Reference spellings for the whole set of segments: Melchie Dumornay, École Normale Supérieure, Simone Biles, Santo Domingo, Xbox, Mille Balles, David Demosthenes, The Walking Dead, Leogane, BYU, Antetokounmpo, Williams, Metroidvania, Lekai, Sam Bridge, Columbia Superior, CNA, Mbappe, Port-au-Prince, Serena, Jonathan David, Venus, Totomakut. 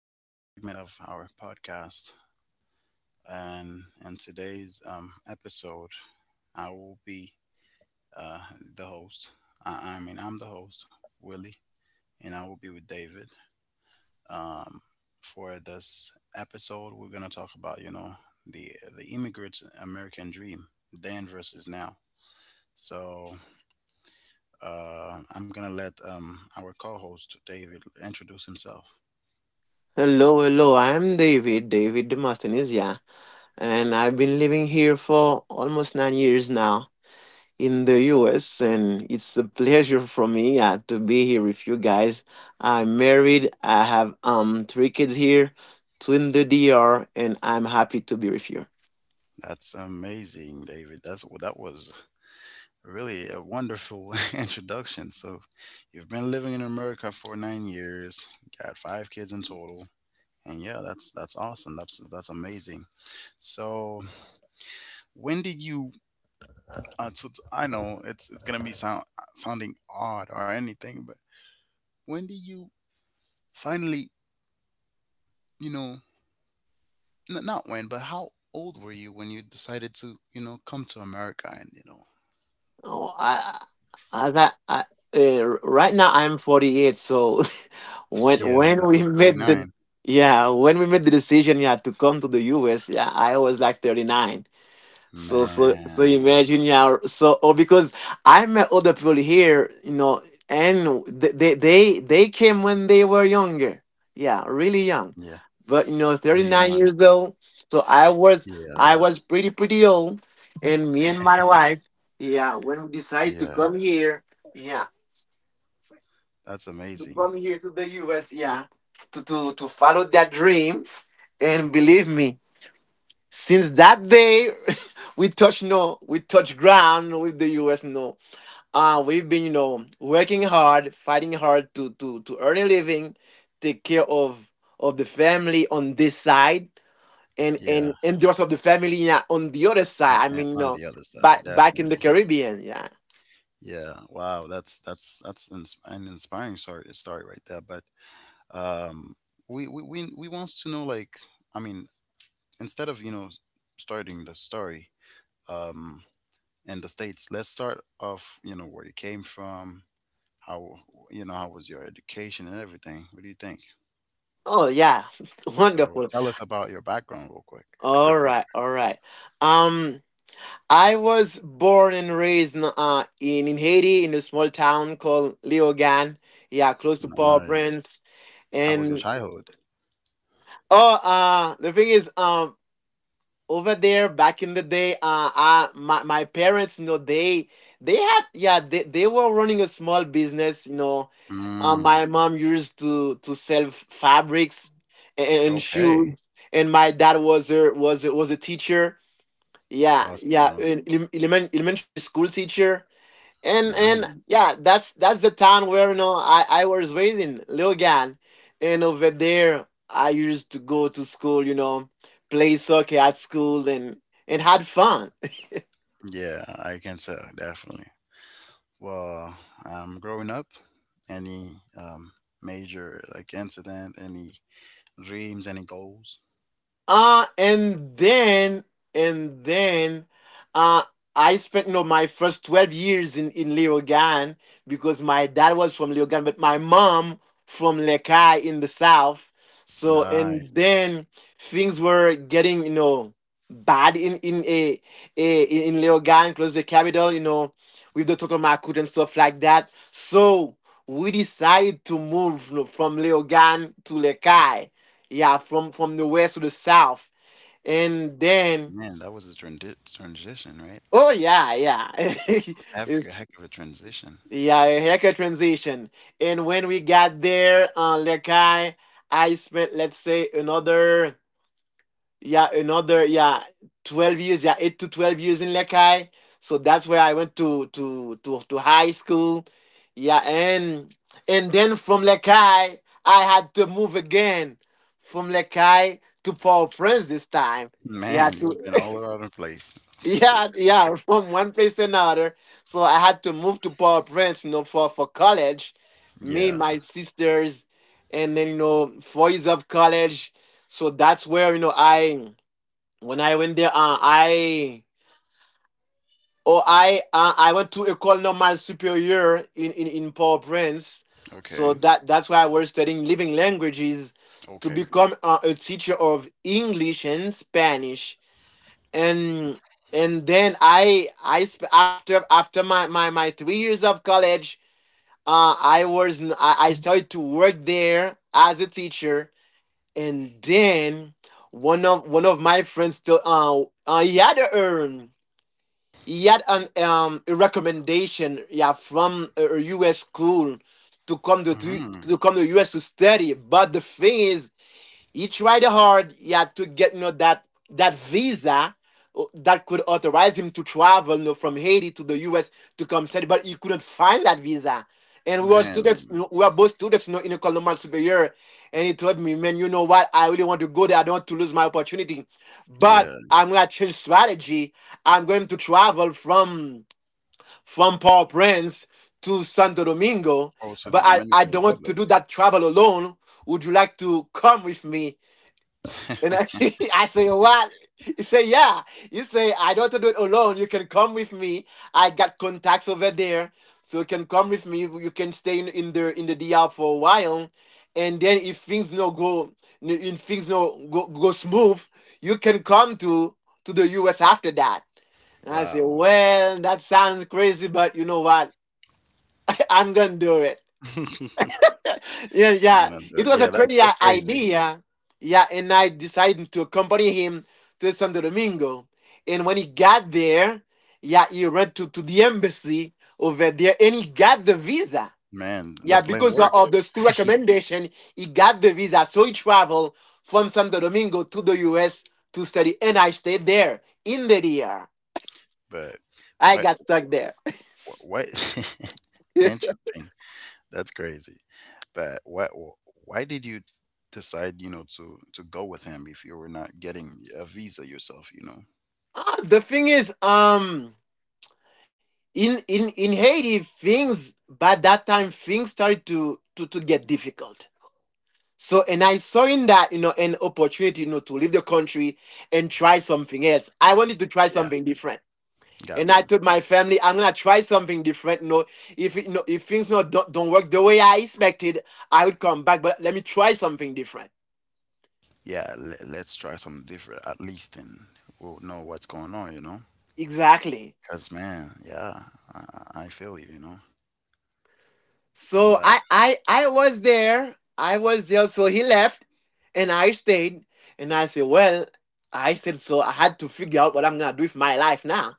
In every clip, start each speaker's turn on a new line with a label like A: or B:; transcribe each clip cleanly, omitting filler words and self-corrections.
A: another segment of our podcast. And in today's episode, I will be uh, the host. I mean, I'm the host, Willie, and I will be with David. Um, for this episode, we're gonna talk about the the immigrant's American dream, then versus now. So I'm gonna let our co-host David introduce himself.
B: Hello, hello. I'm David, David Demosthenes, yeah. And I've been living here for almost 9 years now in the US, and it's a pleasure for me, yeah, to be here with you guys. I'm married, I have three kids here, two in the DR, and I'm happy to be with you.
A: That's amazing, David. That's well, that was really a wonderful introduction. So, you've been living in America for 9 years, got five kids in total, and yeah, that's awesome. That's amazing. So, when did you? So I know it's gonna be sounding odd or anything, but when did you finally, you know, not when, but how old were you when you decided to come to America and you know?
B: Oh, I, as I Right now I'm 48, so when
A: Yeah,
B: when
A: that
B: we
A: was thirty
B: made
A: nine.
B: the yeah when we made the decision, yeah, to come to the US, yeah, I was like 39. So
A: Man.
B: imagine, yeah, because I met other people here, you know, and they came when they were younger. Yeah, really young.
A: Yeah,
B: But you know,
A: really
B: 39
A: young.
B: years old. So I was
A: Yeah,
B: I was pretty old, and me and my wife, yeah, when we decided to
A: yeah.
B: come here, yeah,
A: That's
B: to
A: amazing.
B: come here to the US, yeah, to follow that dream. And believe me, since that day, we touch no, we touch ground with the U.S. No, we've been, you know, working hard, fighting hard to earn a living, take care of the family on this side, and
A: Yeah,
B: those of the family, yeah, on the other
A: and,
B: side. I
A: and
B: mean, you
A: on the
B: know,
A: other side,
B: back in
A: definitely.
B: the Caribbean, yeah.
A: Yeah. Wow. That's an inspiring story right there. But um, we wants to know like I mean instead of starting the story um in the states, let's start off where you came from. How how was your education and everything? What do you think?
B: Oh yeah,
A: So
B: wonderful.
A: tell us about your background real quick.
B: All right, all right. Um, I was born and raised in Haiti, in a small town called Leogane. Yeah, close to
A: Nice.
B: Port-au-Prince.
A: How was your
B: And
A: childhood?
B: oh, the thing is, over there back in the day, my my parents, you know, they they were running a small business, you know.
A: Mm,
B: My mom used to sell fabrics and, and
A: okay.
B: shoes, and my dad was was a teacher. Yeah,
A: Awesome.
B: yeah,
A: Awesome.
B: an elementary school teacher. And
A: Nice.
B: Yeah, that's the town where, you know, I was raised in Logan, and over there I used to go to school, you know, play soccer at school, and had fun.
A: Yeah, I can tell, definitely. Well, growing up, any um, major like incident, any dreams, any goals?
B: Uh and then and then uh I spent, you know, my first 12 years in Leogan because my dad was from Leogan but my mom from Lekai in the south. So and
A: Nice.
B: then Things were getting, you know, bad in a in in Leogan, close to the capital, you know, with the Totomakut and stuff like that. So we decided to move, you know, from Leogan to Lekai, yeah, from the west to the south, and then
A: Man, that was a transition, right?
B: oh yeah,
A: A Heck a
B: it's
A: heck of a transition.
B: yeah, a haircut transition. And when we got there, Lekai, I I spent, let's say, another, yeah, another, yeah, 12 years, yeah, 8 to 12 years in Lekai. So that's where I went to high school. Yeah, and then from Lekai, I had to move again from Lekai to Paul Prince this time. Yeah,
A: Man,
B: to
A: you've been all around the place.
B: yeah, yeah, from one place to another. So I had to move to Paul Prince, you know, for college. Me,
A: Yeah.
B: my sisters, and then, you know, 4 years of college. So that's where, you know, I went there, I oh I went to École Normale Supérieure in in Port-au-Prince, so
A: Okay.
B: that that's why I was studying living languages to
A: Okay.
B: become, a teacher of English and Spanish. And and then I sp- After my my my 3 years of college, I started to work there as a teacher. And then one of my friends, still he had a urn he had an a recommendation, yeah, from a U.S. school
A: Hmm.
B: to come to U.S. to study. But the thing is, he tried hard he had to get, you know, that that visa, that could authorize him to travel, you know, from Haiti to the U.S. to come study, but he couldn't find that visa. And we were
A: Man.
B: students, you know, we were both students, you know, in the Columbia Superior. And he told me, "Man, you know what? I really want to go there. I don't want to lose my opportunity. But
A: Yeah.
B: I'm going to change strategy. I'm going to travel from Port-au-Prince to Santo Domingo,
A: Close to
B: but
A: the
B: I
A: Dominican
B: don't want to
A: Republic.
B: do that travel alone. Would you like to come with me?" And I, I say, "Oh, what?" He say, "Yeah." He say, "I don't have to do it alone. You can come with me. I got contacts over there, so you can come with me. You can stay in the D.R. for a while, and then if things no go, if things no go smooth, you can come to the US after that." And I say,
A: Wow.
B: "Well, that sounds crazy, but you know what? I'm gonna do it." Yeah, yeah. It was a
A: Yeah, that's
B: crazy
A: that's crazy,
B: idea. Yeah, and I decided to accompany him to Santo Domingo. And when he got there, yeah, he ran to the embassy over there and he got the visa.
A: man. The
B: Yeah,
A: plan
B: because of
A: worked,
B: the school recommendation, he got the visa. So he traveled from Santo Domingo to the US to study. And I stayed there in the DR.
A: but
B: I
A: what
B: got stuck there.
A: what? Interesting. That's crazy. But what why did you decide, to go with him if you were not getting a visa yourself, you know?
B: Ah, the thing is, in in Haiti, things by that time, things started to get difficult. So and I saw in that, you know, an opportunity, you know, to leave the country and try something else. I wanted to try
A: Yeah,
B: something different. And
A: got
B: I
A: you.
B: told my family, "I'm gonna try something different. You know, if it- you know, if things not don't, don't work the way I expected, I would come back. But let me try something different."
A: Yeah, let's try something different at least and we'll know what's going on, you know?
B: Exactly.
A: Cuz man, yeah, I, I feel you, you know.
B: So
A: But
B: I was there. I was there. So he left, and I stayed. And I said, well, I said so. I had to figure out what I'm gonna do with my life now.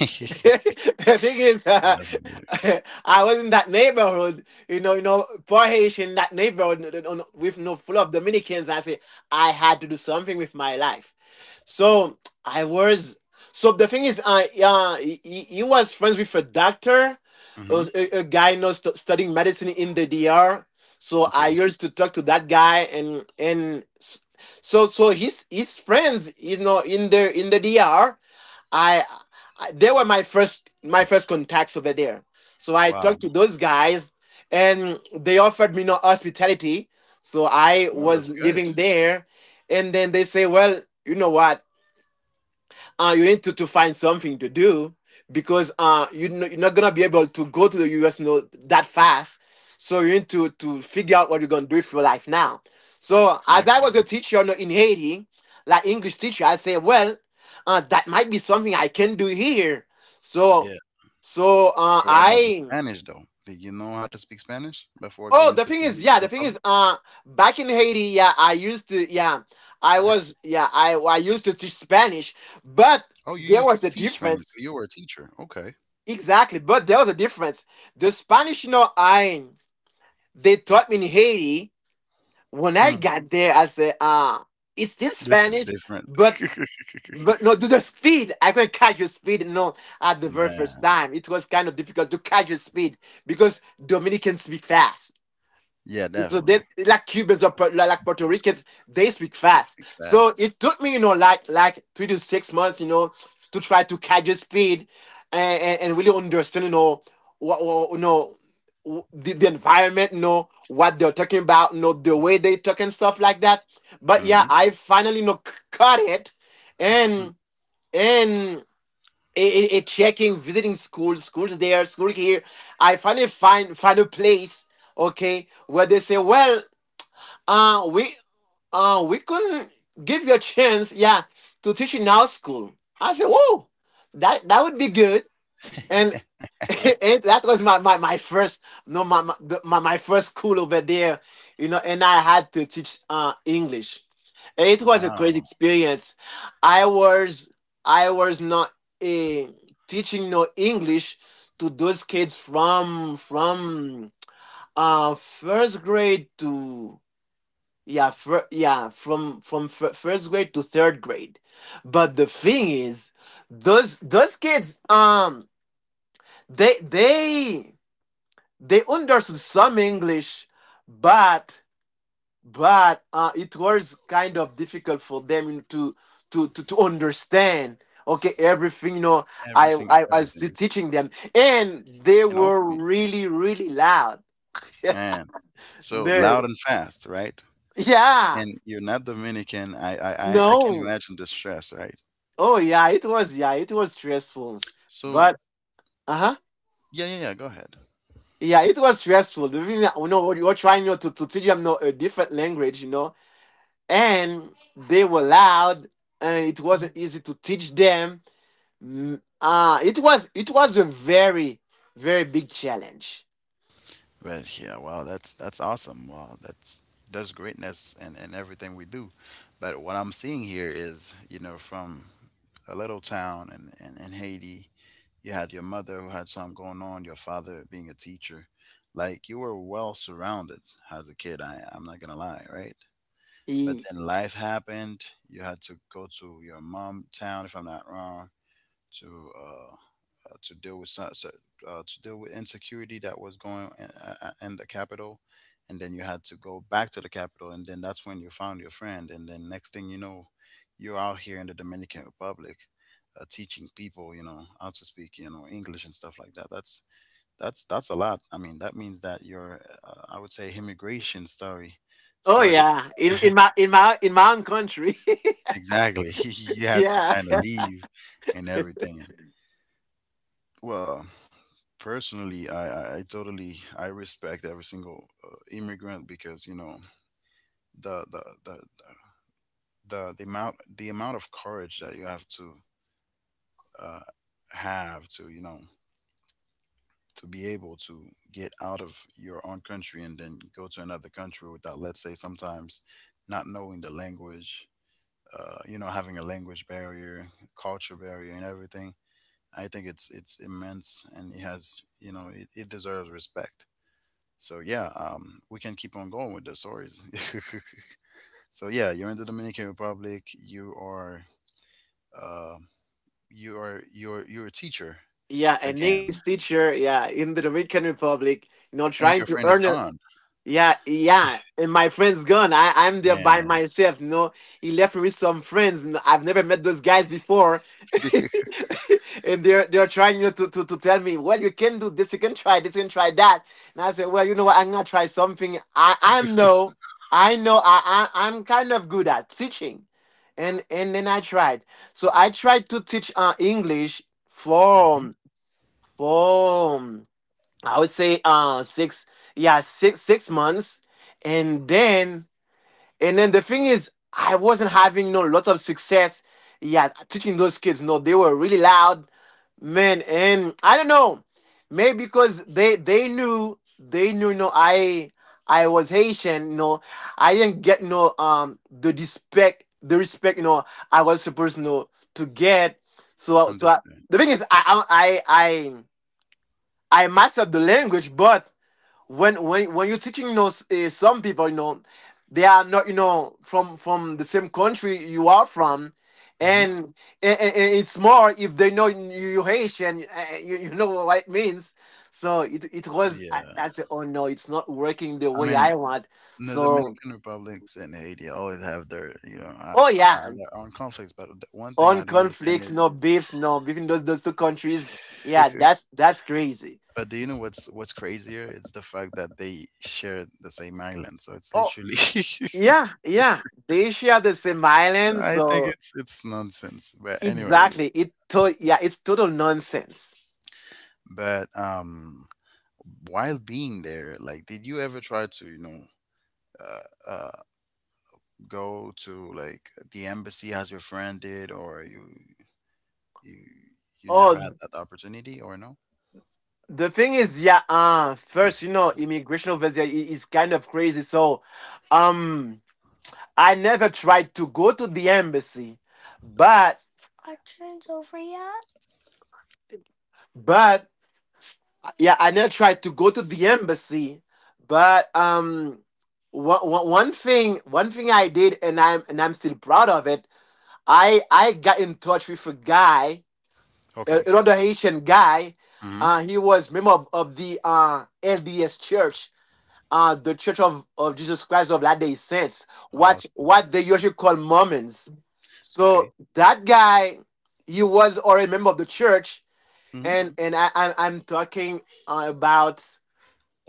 B: The thing is,
A: definitely.
B: I was in that neighborhood, you know, poor Haitian that neighborhood, with you no know, full of Dominicans. I said I had to do something with my life. So I was. So the thing is, I he was friends with a doctor,
A: Mhm.
B: a, guy, you know, studying medicine in the DR. So I
A: Okay.
B: used to talk to that guy, and so so his friends, you know, in the DR, I, I they were my first contacts over there. So I
A: Wow.
B: talked to those guys, and they offered me no hospitality. So I
A: Well,
B: was
A: that's good.
B: living there, and then they say, "Well, you know what? You need to find something to do because, you, you're not going to be able to go to the US, you know, that fast. So you need to figure out what you're going to do with your life now." So as I was a
A: Exactly.
B: teacher, you know, in Haiti, like English teacher, I say, well, that might be something I can do here. So,
A: Yeah.
B: so uh,
A: But what about the
B: I,
A: Spanish though? Did you know how to speak Spanish before
B: oh,
A: going
B: the
A: to the
B: thing is,
A: Dominican
B: yeah, the thing is,
A: Republic?
B: back in Haiti, yeah,
A: Practice.
B: I used to teach Spanish, but
A: Oh, you used
B: there
A: to
B: was a
A: teach Spanish. So you
B: difference
A: were a teacher. Okay.
B: exactly, but there was a difference. The Spanish, you know, I they taught me in Haiti, when I
A: Hmm.
B: got there, I said, "Ah, it's still
A: This is
B: Spanish,
A: different.
B: but" no, to the speed, I couldn't catch your speed. No, at the very first
A: Man.
B: time, it was kind of difficult to catch your speed because Dominicans speak fast.
A: Yeah,
B: So they
A: definitely.
B: like Cubans, or like Puerto Ricans, they speak
A: He
B: fast.
A: speaks
B: So it
A: fast.
B: took me, you know, like 3 to 6 months, you know, to try to catch the speed and really understand, you know, what, you know, the environment, you know, what they're talking about, you know, the way they talk and stuff like that. But yeah,
A: Mm-hmm.
B: I finally, you know, caught it.
A: Hmm.
B: and and it checking, visiting schools, schools there, school here. I finally find a place, okay, where they say, "Well, uh, we we couldn't give you a chance, yeah, to teach in our school." I said, whoa, that that would be good. And and that was my, my, my first no my my, the, my first school over there, you know. And I had to teach English. And it was a crazy
A: Wow.
B: experience. I was I was not, eh, teaching no English to those kids from first grade to. Yeah, from first grade to third grade. But the thing is, those kids, they they they understood some English, but it was kind of difficult for them to understand. Okay, everything I,
A: Everything,
B: I I was
A: everything.
B: teaching them, and they
A: And also,
B: were really loud.
A: man, so
B: They,
A: loud and fast, right?
B: yeah,
A: And you're not Dominican. I can
B: no.
A: imagine the stress, right?
B: Oh yeah, it was stressful.
A: So,
B: But uh-huh.
A: yeah, yeah, yeah. Go ahead.
B: Yeah, it was stressful. You know, we were trying to teach them a different language, and they were loud, and it wasn't easy to teach them. It was a very big challenge.
A: But yeah, wow, that's awesome. Wow, that's there's greatness in everything we do. But what I'm seeing here is, from a little town in Haiti, you had your mother who had something going on, your father being a teacher. Like you were well surrounded as a kid, I'm not gonna lie, right? But
B: E-
A: then life happened, you had to go to your mom town if I'm not wrong to uh, to deal with so- so- to deal with insecurity that was going in the capital, and then you had to go back to the capital, and then that's when you found your friend, and then next thing you know, you're out here in the Dominican Republic, teaching people, how to speak, English and stuff like that. That's a lot. I mean, that means that your I would say immigration story
B: Oh
A: started
B: yeah, in my own country.
A: exactly. You had to
B: yeah.
A: kind of leave and everything. Well, personally, I totally I respect every single immigrant because the the, the the amount of courage that you uh, have to you know to be able to get out of your own country and then go to another country without let's say sometimes not knowing the language having a language barrier culture barrier and everything. I think it's immense and it has you know it, it deserves respect. So yeah, we can keep on going with the stories. So yeah, you're in the Dominican Republic. Uh, you're a teacher
B: Yeah, an
A: again,
B: English teacher, yeah, in the Dominican Republic, you know,
A: and your
B: trying to
A: friend is
B: earn it.
A: gone.
B: Yeah, yeah. And my friend's gone. I'm there by
A: Man,
B: myself, you know. He left me with some friends and I've never met those guys before. And they're trying, you know, to tell me, well, you can do this, you can try this, you can try that. And I said, well, you know what, I'm gonna try something I'm no I know I'm kind of good at teaching. And then I tried. So I tried to teach English
A: hmm
B: for for I would say six yeah six months. And then the thing is I wasn't having no lot of success, yeah, teaching those kids, no, they were really loud, man, and I don't know, maybe because they knew, no, I I was Haitian, no, I didn't get no, um, the respect, no, I was supposed, no, to get. I,
A: understand.
B: the thing is I I I mastered the language, but when you're teaching, you know, some people, you know, they are not, you know, from the same country you are from,
A: Hmm.
B: and, and it's more if they know you Haitian, you, you know what it means. So it was,
A: Yeah,
B: I said, oh no, it's not working the
A: I
B: way
A: mean,
B: I want.
A: the
B: So
A: Dominican Republics and Haiti always have their, you know, uh,
B: oh
A: uh,
B: yeah,
A: their own conflicts. But the one thing I
B: on
A: don't understand
B: conflicts,
A: is,
B: no beefs, no, between those two countries. Yeah, that's crazy.
A: but do you know what's crazier? It's the fact that they share the same island. So it's
B: Oh
A: literally
B: yeah, yeah, they share the same island,
A: I think
B: so.
A: it's nonsense. But anyway,
B: Exactly. It to yeah, it's total nonsense.
A: but while being there, like, did you ever try to, uh, uh, go to like the embassy as your friend did, or you you never had
B: Oh,
A: that opportunity, or no?
B: the thing is, yeah, first, you know, immigration over there is kind of crazy. So, um, I never tried to go to the embassy, but, but, yeah, I never tried to go to the embassy, but, one thing I did, and I'm still proud of it. I got in touch with a guy.
A: Okay.
B: Another Haitian guy.
A: Mm-hmm.
B: He was member of the LDS Church, the Church of Jesus Christ of Latter Day Saints.
A: Awesome.
B: What they usually call Mormons. So
A: Okay.
B: that guy, he was already a member of the church,
A: Mm-hmm.
B: and I'm talking about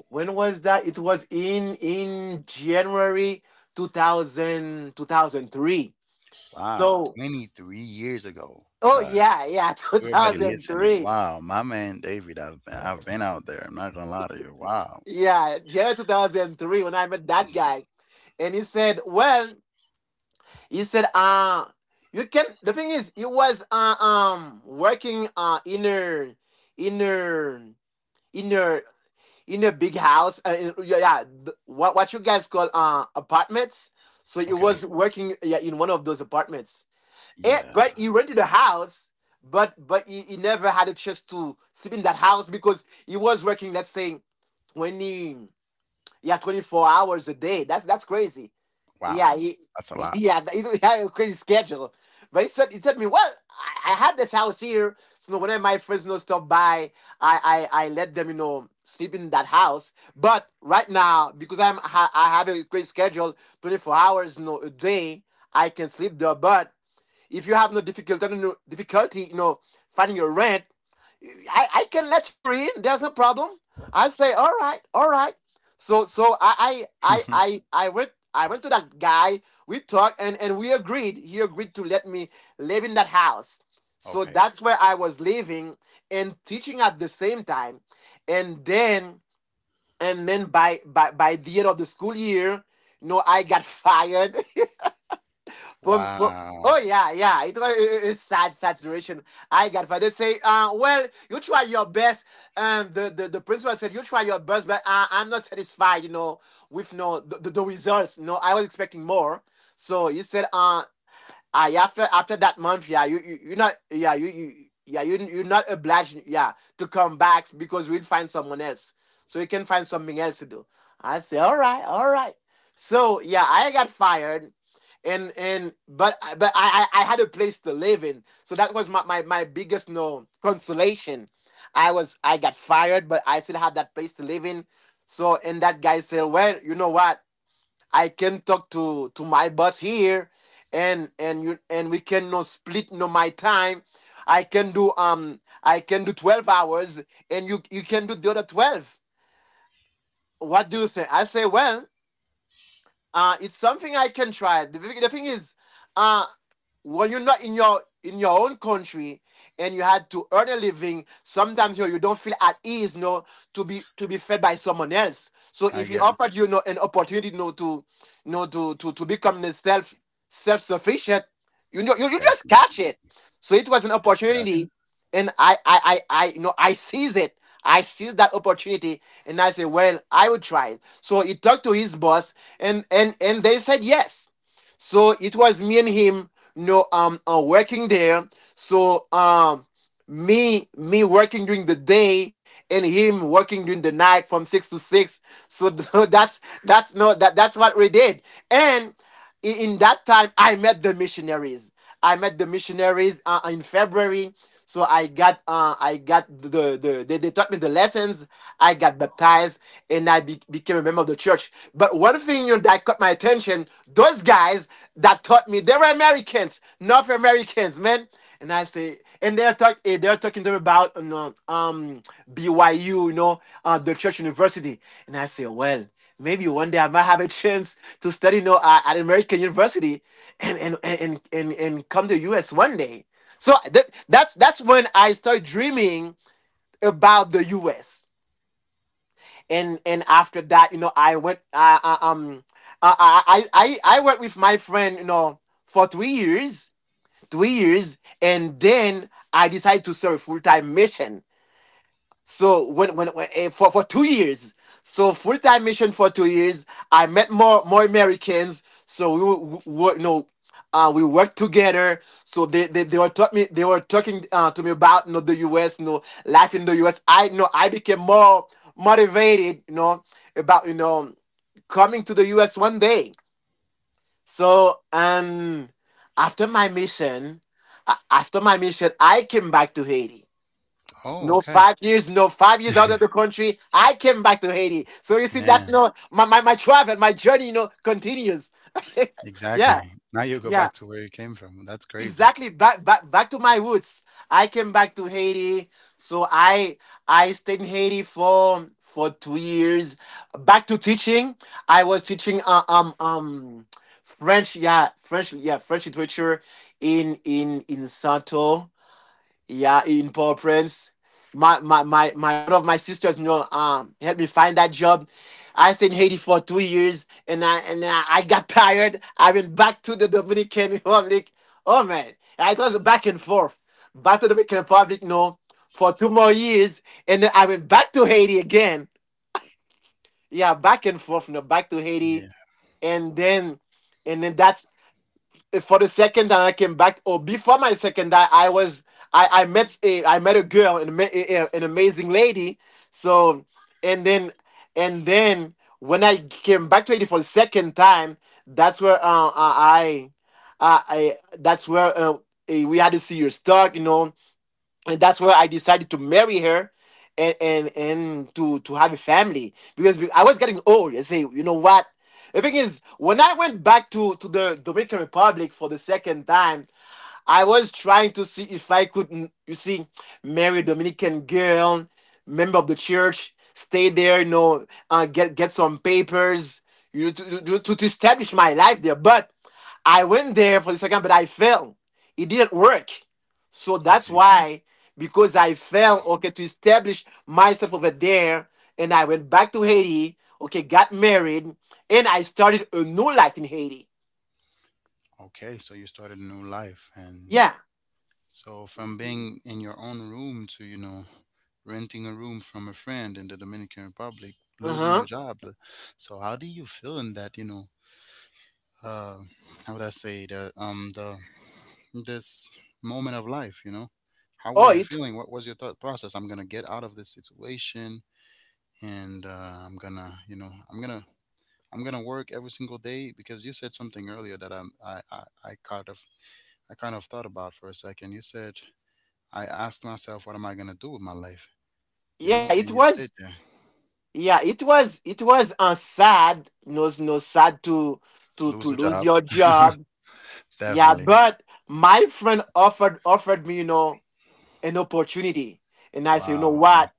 B: when was that? It was in January 2000 2003.
A: Wow.
B: So
A: 23 years ago.
B: oh
A: God,
B: yeah yeah
A: everybody listening.
B: 2003.
A: Wow, my man David, I've been out there. I'm not gonna lie to you. Wow.
B: Yeah, January 2003 when I met that guy, and he said, "Well, he said, you can." The thing is, he was um, working in a in a in a in a big house. Yeah, yeah, what you guys call apartments. So he
A: Okay.
B: was working yeah in one of those apartments. Eh,
A: Yeah.
B: but he rented a house, but he never had a chance to sleep in that house because he was working, let's say, 20. Yeah, 24 hours a day. That's crazy.
A: Wow.
B: Yeah, he,
A: That's a lot.
B: yeah, he a crazy schedule. But he told me, well, I had this house here, so you know, whenever my friends, you know, stop by, I let them, you know, sleep in that house. But right now, because I have a crazy schedule, 24 hours, you know, a day, I can sleep there. But if you have no difficulty, you know, finding your rent. I can let you in. There's no problem. I say, all right, all right. I went to that guy. We talked and we agreed. He agreed to let me live in that house. So
A: Okay.
B: that's where I was living and teaching at the same time. And then and then by the end of the school year, no, I got fired. From, well,
A: Wow.
B: oh yeah, yeah. It was a a sad, sad situation. I got for they say, well, you try your best. And the principal said, you try your best, but I'm not satisfied, you know, with no the results. No, I was expecting more. So he said, ah, yeah, after that month, yeah, you are not yeah you yeah you you're not obliged, yeah, to come back because we'll find someone else. So you can find something else to do. I say, all right, all right. So yeah, I got fired, and I had a place to live in, so that was my biggest, no, consolation. I got fired, but I still had that place to live in. So and that guy said, well, you know what? I can talk to my boss here, and you and we can, no, split, no, my time. I can do, um, I can do 12 hours, and you can do the other 12. What do you say? I say, well. It's something I can try. The, thing is, uh, when you're not in your own country and you had to earn a living, sometimes you know, you don't feel at ease, no, to be fed by someone else. So
A: I
B: if he
A: get.
B: offered you, you know, an opportunity, you know, to you know, to become the self sufficient, you know, you just
A: Definitely.
B: catch it. So it was an
A: Just gotcha.
B: opportunity, and I, you know, I seize it. I seized that opportunity and I said, well, I will try it. So he talked to his boss and, and they said yes. So it was me and him, you know, working there. So, me working during the day and him working during the night from six to six. So, so that's no that that's what we did. And in that time I met the missionaries, I met the missionaries in February. So I got I got the, they taught me the lessons, I got baptized and became a member of the church. But one thing, you know, that caught my attention, those guys that taught me, they were Americans, North Americans, man. And I say, and they're talking to me about, you know, um, BYU, you know, the church university. And I say, well, maybe one day I might have a chance to study, you know, at American University, and come to U.S. one day. So that's when I start dreaming about the U.S. And after that, you know, um, uh, I I I worked with my friend, you know, for 3 years, 2 years, and then I decided to serve full time mission. So when eh, for 2 years, so full time mission for 2 years, I met more Americans. So we were, you know, we worked together. So they were taught me, they were talking to me about, you know, the U.S. You know, life in the U.S. I, you know, I became more motivated. You know about, you know, coming to the U.S. one day. So after my mission, a- after my mission, I came back to Haiti.
A: Oh,
B: No,
A: okay.
B: 5 years, no, 5 years out of the country. I came back to Haiti. So you see,
A: Man,
B: that's, no, my travel, my journey, you know, continues.
A: exactly.
B: yeah,
A: Now you go back
B: yeah,
A: to where you came from. That's crazy.
B: exactly. Back to my roots. I came back to Haiti. So I stayed in Haiti for 2 years, back to teaching. I was teaching um, french, french literature in santo, yeah, in Paul Prince. My, one of my sisters, you know, helped me find that job. I stayed in Haiti for 2 years, and I got tired. I went back to the Dominican Republic. Oh man, I was back and forth, back to the Dominican Republic. No, for two more years, and then I went back to Haiti again. Yeah, back and forth, back to
A: Yeah.
B: Haiti, and then and then that's for the second time I came back, or before my second time, I was I met a girl, an amazing lady. So and then and then when I came back to Haiti for the second time, that's where I- that's where we had to see your stock. And that's where I decided to marry her and to have a family because I was getting old. I say, you know what? The thing is, when I went back to the Dominican Republic for the second time, I was trying to see if I could, you see, marry a Dominican girl, member of the church, stay there, you know, get some papers, you know, to establish my life there. But I went there for the second, but I fell. It didn't work. So that's
A: Okay.
B: why, because I fell, okay, to establish myself over there, and I went back to Haiti, okay, got married, and I started a new life in Haiti.
A: Okay. So you started a new life. And
B: Yeah.
A: so from being in your own room to, renting a room from a friend in the Dominican Republic,
B: Uh
A: losing your
B: huh.
A: job. So how do you feel in that, uh, how would I say the this moment of life, you know? How were
B: Oh,
A: you
B: it.
A: feeling? What was your thought process? I'm gonna get out of this situation and I'm gonna work every single day because you said something earlier that I kind of thought about for a second. You said I asked myself what am I gonna do with my life? You know,
B: Yeah, it
A: and you stayed
B: was
A: there.
B: yeah, it was a sad no know, sad
A: Lose
B: to
A: the
B: lose
A: job.
B: your job. Yeah,
A: Definitely.
B: but my friend offered me, you know, an opportunity, and I said, you know
A: Wow. And
B: what?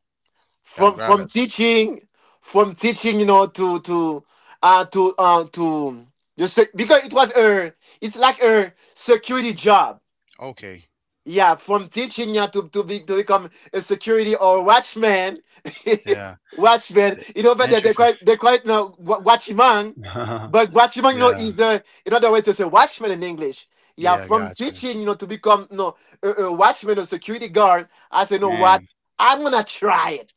A: gotta
B: from
A: grab
B: from
A: it.
B: teaching, from teaching, you know, to, just because it was a, it's like a security job.
A: Okay.
B: Yeah, from teaching you to be to become a security or watchman,
A: Yeah.
B: watchman.
A: Th-
B: You know, but they
A: Didn't you
B: they quite know watchman, but watchman no know
A: Yeah.
B: is, another way to say watchman in English. Yeah,
A: Yeah,
B: from
A: gotcha.
B: teaching, you know, to become no a, a watchman or security guard. I say, you know what?
A: Man.
B: I'm gonna try it.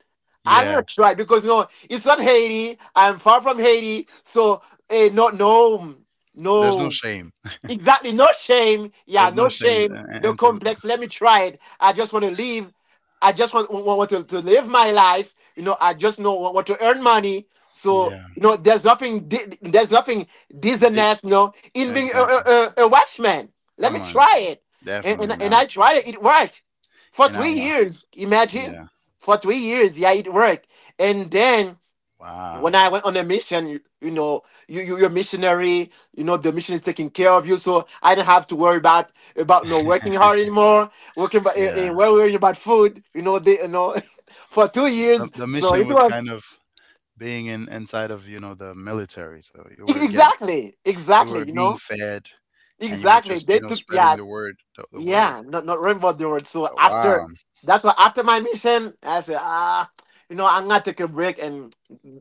B: I'm gonna
A: Yeah.
B: try because no it's not Haiti. I'm far from Haiti, so no, no,
A: There's no
B: no.
A: shame.
B: Exactly. No shame. Yeah,
A: There's
B: no
A: no shame
B: shame. No
A: into
B: complex. Let me try it. I just want to live. I just want to live my life. You know, I just know want to earn money. So,
A: yeah.
B: you know, there's nothing, di- there's nothing
A: Dick
B: dishonest, you know, in being
A: exactly.
B: a watchman. Let me
A: Come on.
B: try it. And, and,
A: Definitely
B: and I
A: not.
B: tried it. It worked for
A: And I
B: three
A: want
B: years. Imagine
A: yeah.
B: for 3 years. Yeah, it worked. And then when
A: Wow.
B: I went on a mission, you know, you're missionary. You know, the mission is taking care of you, so I didn't have to worry about no working hard anymore. Working, about,
A: Yeah.
B: well, worrying about food. You know, they you know, for 2 years.
A: The
B: So it
A: mission was
B: was
A: kind of being in inside of, the military. So
B: exactly,
A: you
B: exactly.
A: were
B: You
A: being
B: know,
A: fed and you were
B: exactly.
A: just,
B: They took yeah,
A: spreading the word the word.
B: yeah. Not not remember the word. So
A: Oh,
B: after
A: wow.
B: that's why after my mission, I said ah, you know, I'm gonna take a break and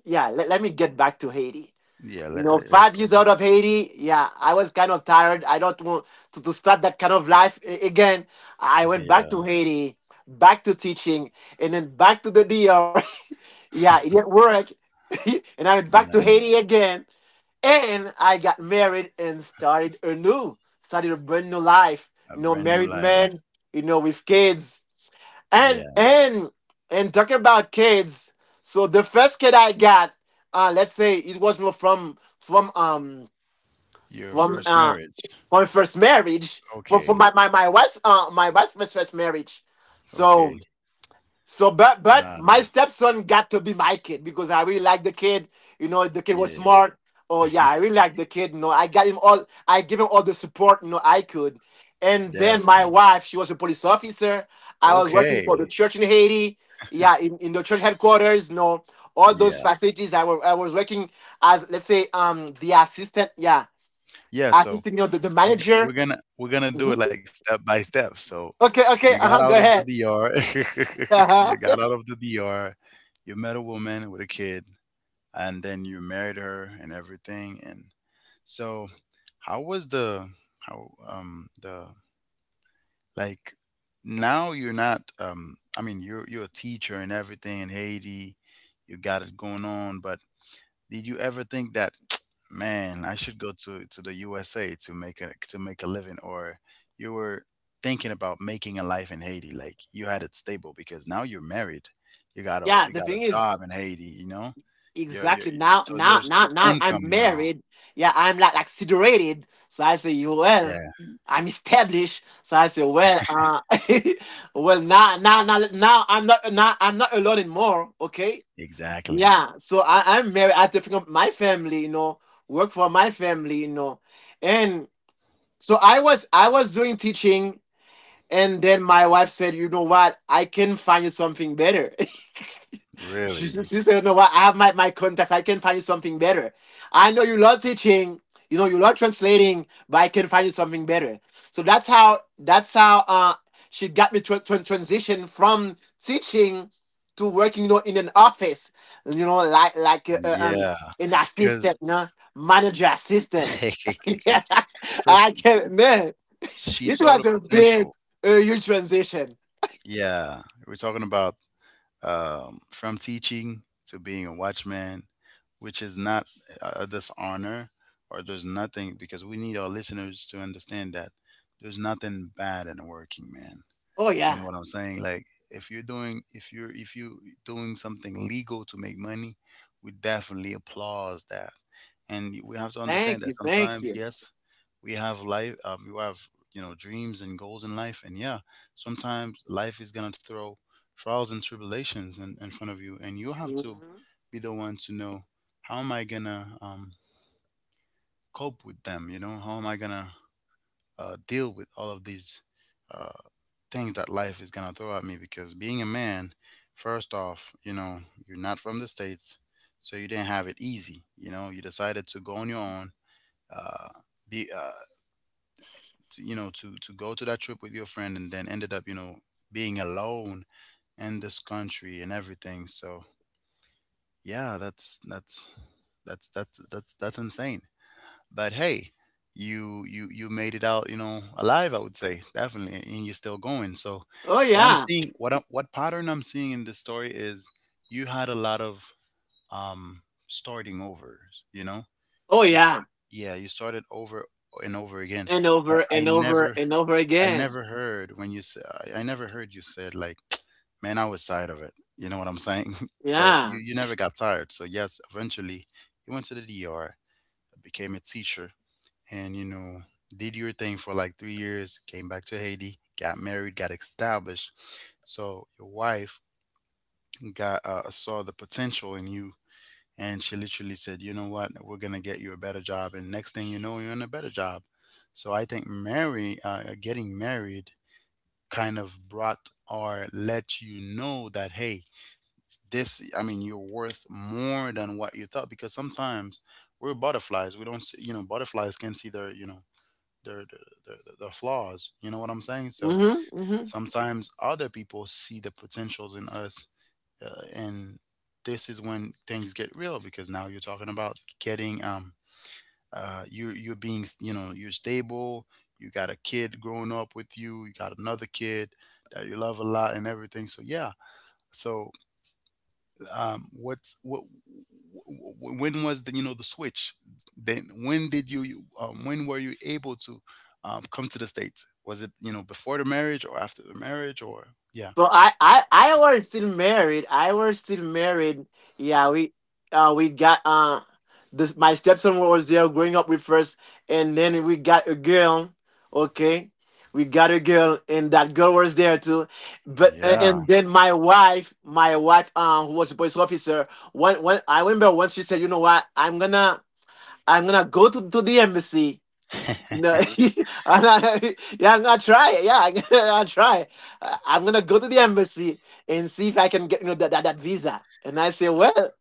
B: yeah, let me get back to Haiti.
A: Yeah,
B: You know, five
A: let's go
B: years out
A: back.
B: of Haiti, yeah, I was kind of tired. I don't want to start that kind of life again. I went back to
A: Yeah.
B: Haiti, back to teaching, and then back to the DR. Yeah, it didn't work. And I went
A: And
B: back to
A: then
B: Haiti again. And I got married and started anew, started a brand new life.
A: a
B: You know,
A: brand new
B: married
A: life.
B: man, you know, with kids. And
A: Yeah.
B: and and talking about kids, so the first kid I got, let's say it was not
A: Your
B: from
A: first
B: uh
A: marriage.
B: from first marriage, from, from
A: Okay.
B: my, my my wife's first marriage. So
A: Okay.
B: so but my
A: Wow.
B: stepson got to be my kid because I really like the kid. You know, the kid was
A: Yeah.
B: smart. Oh yeah, I really like the kid. You know, I got him all, I give him all the support, you know, I could. And then my
A: Definitely.
B: wife, she was a police officer. I was working for the
A: Okay.
B: church in Haiti, yeah, in the church headquarters, you know, all those
A: Yeah.
B: facilities I was working as, let's say, um, the assistant, yeah,
A: Yeah. So
B: assisting, you know, the
A: we're g-
B: manager.
A: we're gonna we're gonna do
B: Mhm.
A: it like step by step. So
B: Okay,
A: you
B: okay,
A: got
B: uh huh.
A: out
B: Go
A: of the
B: ahead.
A: DR. You
B: Uh-huh.
A: got out of the DR. You met a woman with a kid, and then you married her and everything. And so, how was the how the Like, now you're not I mean you're a teacher and everything in Haiti, you got it going on, but did you ever think that man, I should go to the USA to make a living or you were thinking about making a life in Haiti like you had it stable because now you're married.
B: Yeah,
A: You
B: the
A: got a
B: thing is
A: job in Haiti, you know? You're, you're,
B: exactly now,
A: so there's two
B: now
A: income
B: I'm
A: now.
B: married. Yeah, I'm like situated. So I say, "You well,
A: Yeah,
B: I'm established. So I say, well, well, now, I'm not alone anymore. Okay.
A: exactly.
B: Yeah. So I, I'm married. I have to think of my family. You know, work for my family. You know, and so I was doing teaching. And then my wife said, "You know what? I can find you something better." She
A: Really.
B: said, you know what? I have my contacts. I can find you something better. I know you love teaching. You know, you love translating, but I can find you something better. So that's how, she got me to transition from teaching to working, you know, in an office, you know, like,
A: Yeah.
B: an assistant,
A: Because
B: you know, manager assistant. Yeah.
A: So s
B: I can,
A: she
B: man,
A: she
B: it
A: saw the
B: was a big,
A: potential.
B: huge transition.
A: Yeah, we're talking about, from teaching to being a watchman, which is not a dishonor or there's nothing because we need our listeners to understand that there's nothing bad in working, man.
B: Oh
A: You know
B: yeah.
A: what I'm saying? Like if you are doing something legal to make money, we definitely applause that. And we have to
B: Thank
A: understand that
B: you. Thank
A: sometimes,
B: you.
A: yes, we have life you have dreams and goals in life and yeah, sometimes life is gonna throw trials and tribulations in front of you and you have to
B: Mhm.
A: be the one to know how am I gonna cope with them, how am I gonna deal with all of these uh, things that life is gonna throw at me because being a man, first off, you're not from the States, so you didn't have it easy. You decided to go on your own, uh, be, to, you know, to go to that trip with your friend and then ended up, being alone in this country and everything. So yeah, that's insane. But hey, you made it out, alive, I would say, definitely, and you're still going. So
B: Oh
A: what I'm
B: yeah.
A: seeing, what what pattern I'm seeing in this story is you had a lot of um starting over. You know?
B: Oh
A: You start.
B: yeah.
A: Yeah, you started over and over again.
B: And
A: But
B: over and over and over
A: I
B: again.
A: never heard when you said I never heard you said like man, I was tired of it. You know what I'm saying? So
B: Yeah.
A: you never got tired. So yes, eventually you went to the D.R., became a teacher, and you know did your thing for like 3 years, came back to Haiti, got married, got established. So your wife got saw the potential in you, and she literally said, you know what, we're gonna get you a better job, and next thing you know, you're in a better job. So I think mary getting married kind of brought or let you know that, hey, this I mean you're worth more than what you thought, because sometimes we're butterflies, we don't see, you know, butterflies can see their, you know, their their, their flaws. You know what I'm saying? So
B: Hmm hmm.
A: sometimes other people see the potentials in us, and this is when things get real because now you're talking about getting you're being, you know, you're stable. You got a kid growing up with you. You got another kid that you love a lot and everything. So yeah. So um what's what when was the, you know, the switch, then when did when were you able to come to the States? Was it, you know, before the marriage or after the marriage? Or yeah.
B: So I were still married. I were still married. Yeah, we got this. My stepson was there growing up with us, and then we got a girl. Okay, we got a girl, and that girl was there too. But
A: Yeah.
B: and then my wife, who was a police officer, when I remember once she said, you know what, I'm gonna go to the embassy no, and I yeah, I'm gonna try it. Yeah, I'll try. I'm gonna go to the embassy and see if I can get, you know, that visa. And I say, well,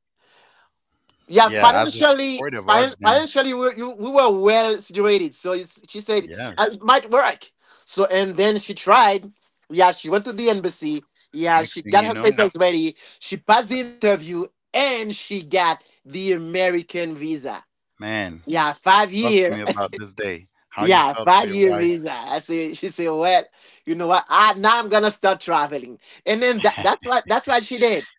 B: yeah,
A: Yeah, as a supportive husband,
B: financially, we were well situated. So it's, she said, it
A: yes.
B: might work." So and then she tried. Yeah, she went to the embassy. Yeah,
A: Next
B: she
A: thing
B: got
A: you
B: her
A: know,
B: papers ready. She passed the interview and she got the American visa.
A: man,
B: Yeah, five
A: talk to
B: year
A: me about this day, how you
B: yeah,
A: felt for
B: five
A: your
B: year
A: wife.
B: visa. I say she said, "Well, you know what? I now I'm gonna start traveling." And then that's what she did.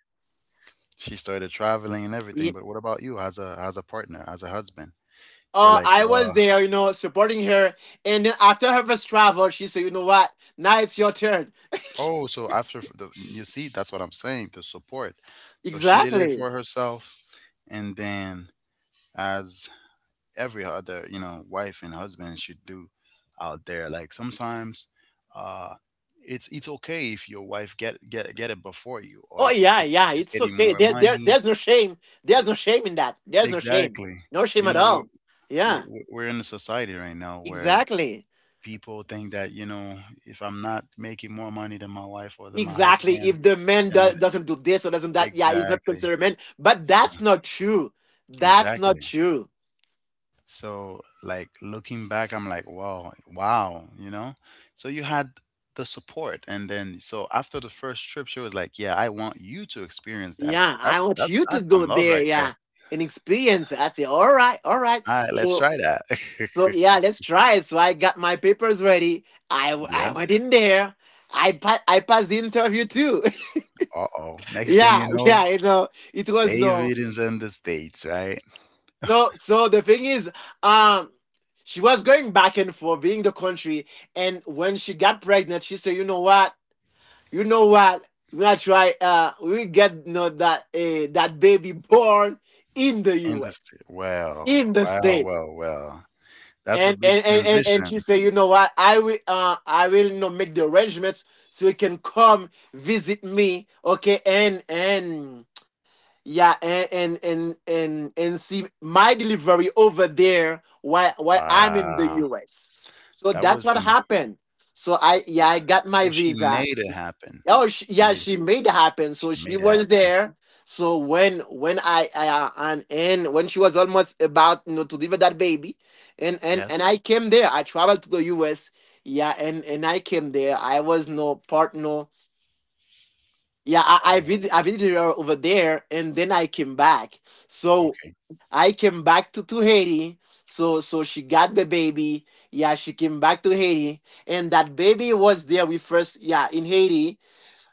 A: She started traveling and everything,
B: Ye-
A: but what about you as a partner, as a husband? You were like,
B: I
A: wow.
B: was there, you know, supporting her. And then after her first travel, she said, you know what? Now it's your turn.
A: Oh, so after f- the you see, that's what I'm saying, the support. So she did it
B: Exactly.
A: for herself, and then as every other, you know, wife and husband should do out there. Like sometimes, uh, it's okay if your wife get it before you, or
B: Oh yeah, yeah,
A: she's
B: it's
A: getting
B: okay.
A: more
B: There
A: money.
B: there's no shame. There's no
A: E-
B: shame in that. There's no shame.
A: Exactly.
B: No shame
A: You
B: at
A: know,
B: all. Yeah,
A: we're in a society right now where
B: exactly.
A: people think that, you know, if I'm not making more money than my wife or than my
B: Exactly.
A: husband.
B: If the man
A: Then I.
B: doesn't do this or doesn't that, yeah, he's not
A: Exactly.
B: considered a man. But
A: So,
B: that's not true. That's not
A: exactly.
B: true.
A: So, like looking back, I'm like, wow, wow, you know? So you had the support. And then, so after the first trip, she was like, yeah, I want you to experience that too.
B: Yeah, I want you to
A: That's
B: go
A: some love
B: there.
A: right there.
B: Yeah, and experience it. I say, all right, all right.
A: All right, let's
B: So,
A: try that.
B: so yeah, let's try it. So I got my papers ready. I
A: Yeah.
B: went in there. I passed the interview too.
A: Uh oh. Next thing
B: Yeah,
A: you know,
B: yeah. You know, it was no.
A: David is in the States, right?
B: So, so the thing is, um, she was going back and forth, being the country, and when she got pregnant, she said, "You know what? You know what? We are gonna try. We get, you know, that, that baby born in the
A: In the States.
B: U.S., in the states."
A: Well. That's a
B: And
A: big
B: and, and, and and
A: transition.
B: she said, "You know what? I will, you know, make the arrangements so you can come visit me, okay? And" Yeah, and see my delivery over there while I'm in the
A: Wow.
B: US. So
A: That
B: that's
A: was
B: what happened. So I yeah I got
A: so
B: my
A: she
B: visa.
A: made it happen.
B: Oh sh yeah,
A: Made it,
B: she made it happen.
A: she
B: So she
A: made it
B: was
A: happen.
B: there. So when I and when she was almost about, you know, to deliver that baby,
A: Yes.
B: and I came there. I traveled to the US. Yeah, and I came there. I was no partner. Yeah, I
A: Wow.
B: visit I visited her over there and then I came back. So
A: Okay.
B: I came back to Haiti. So so she got the baby. Yeah, she came back to Haiti. And that baby was there we first yeah in Haiti.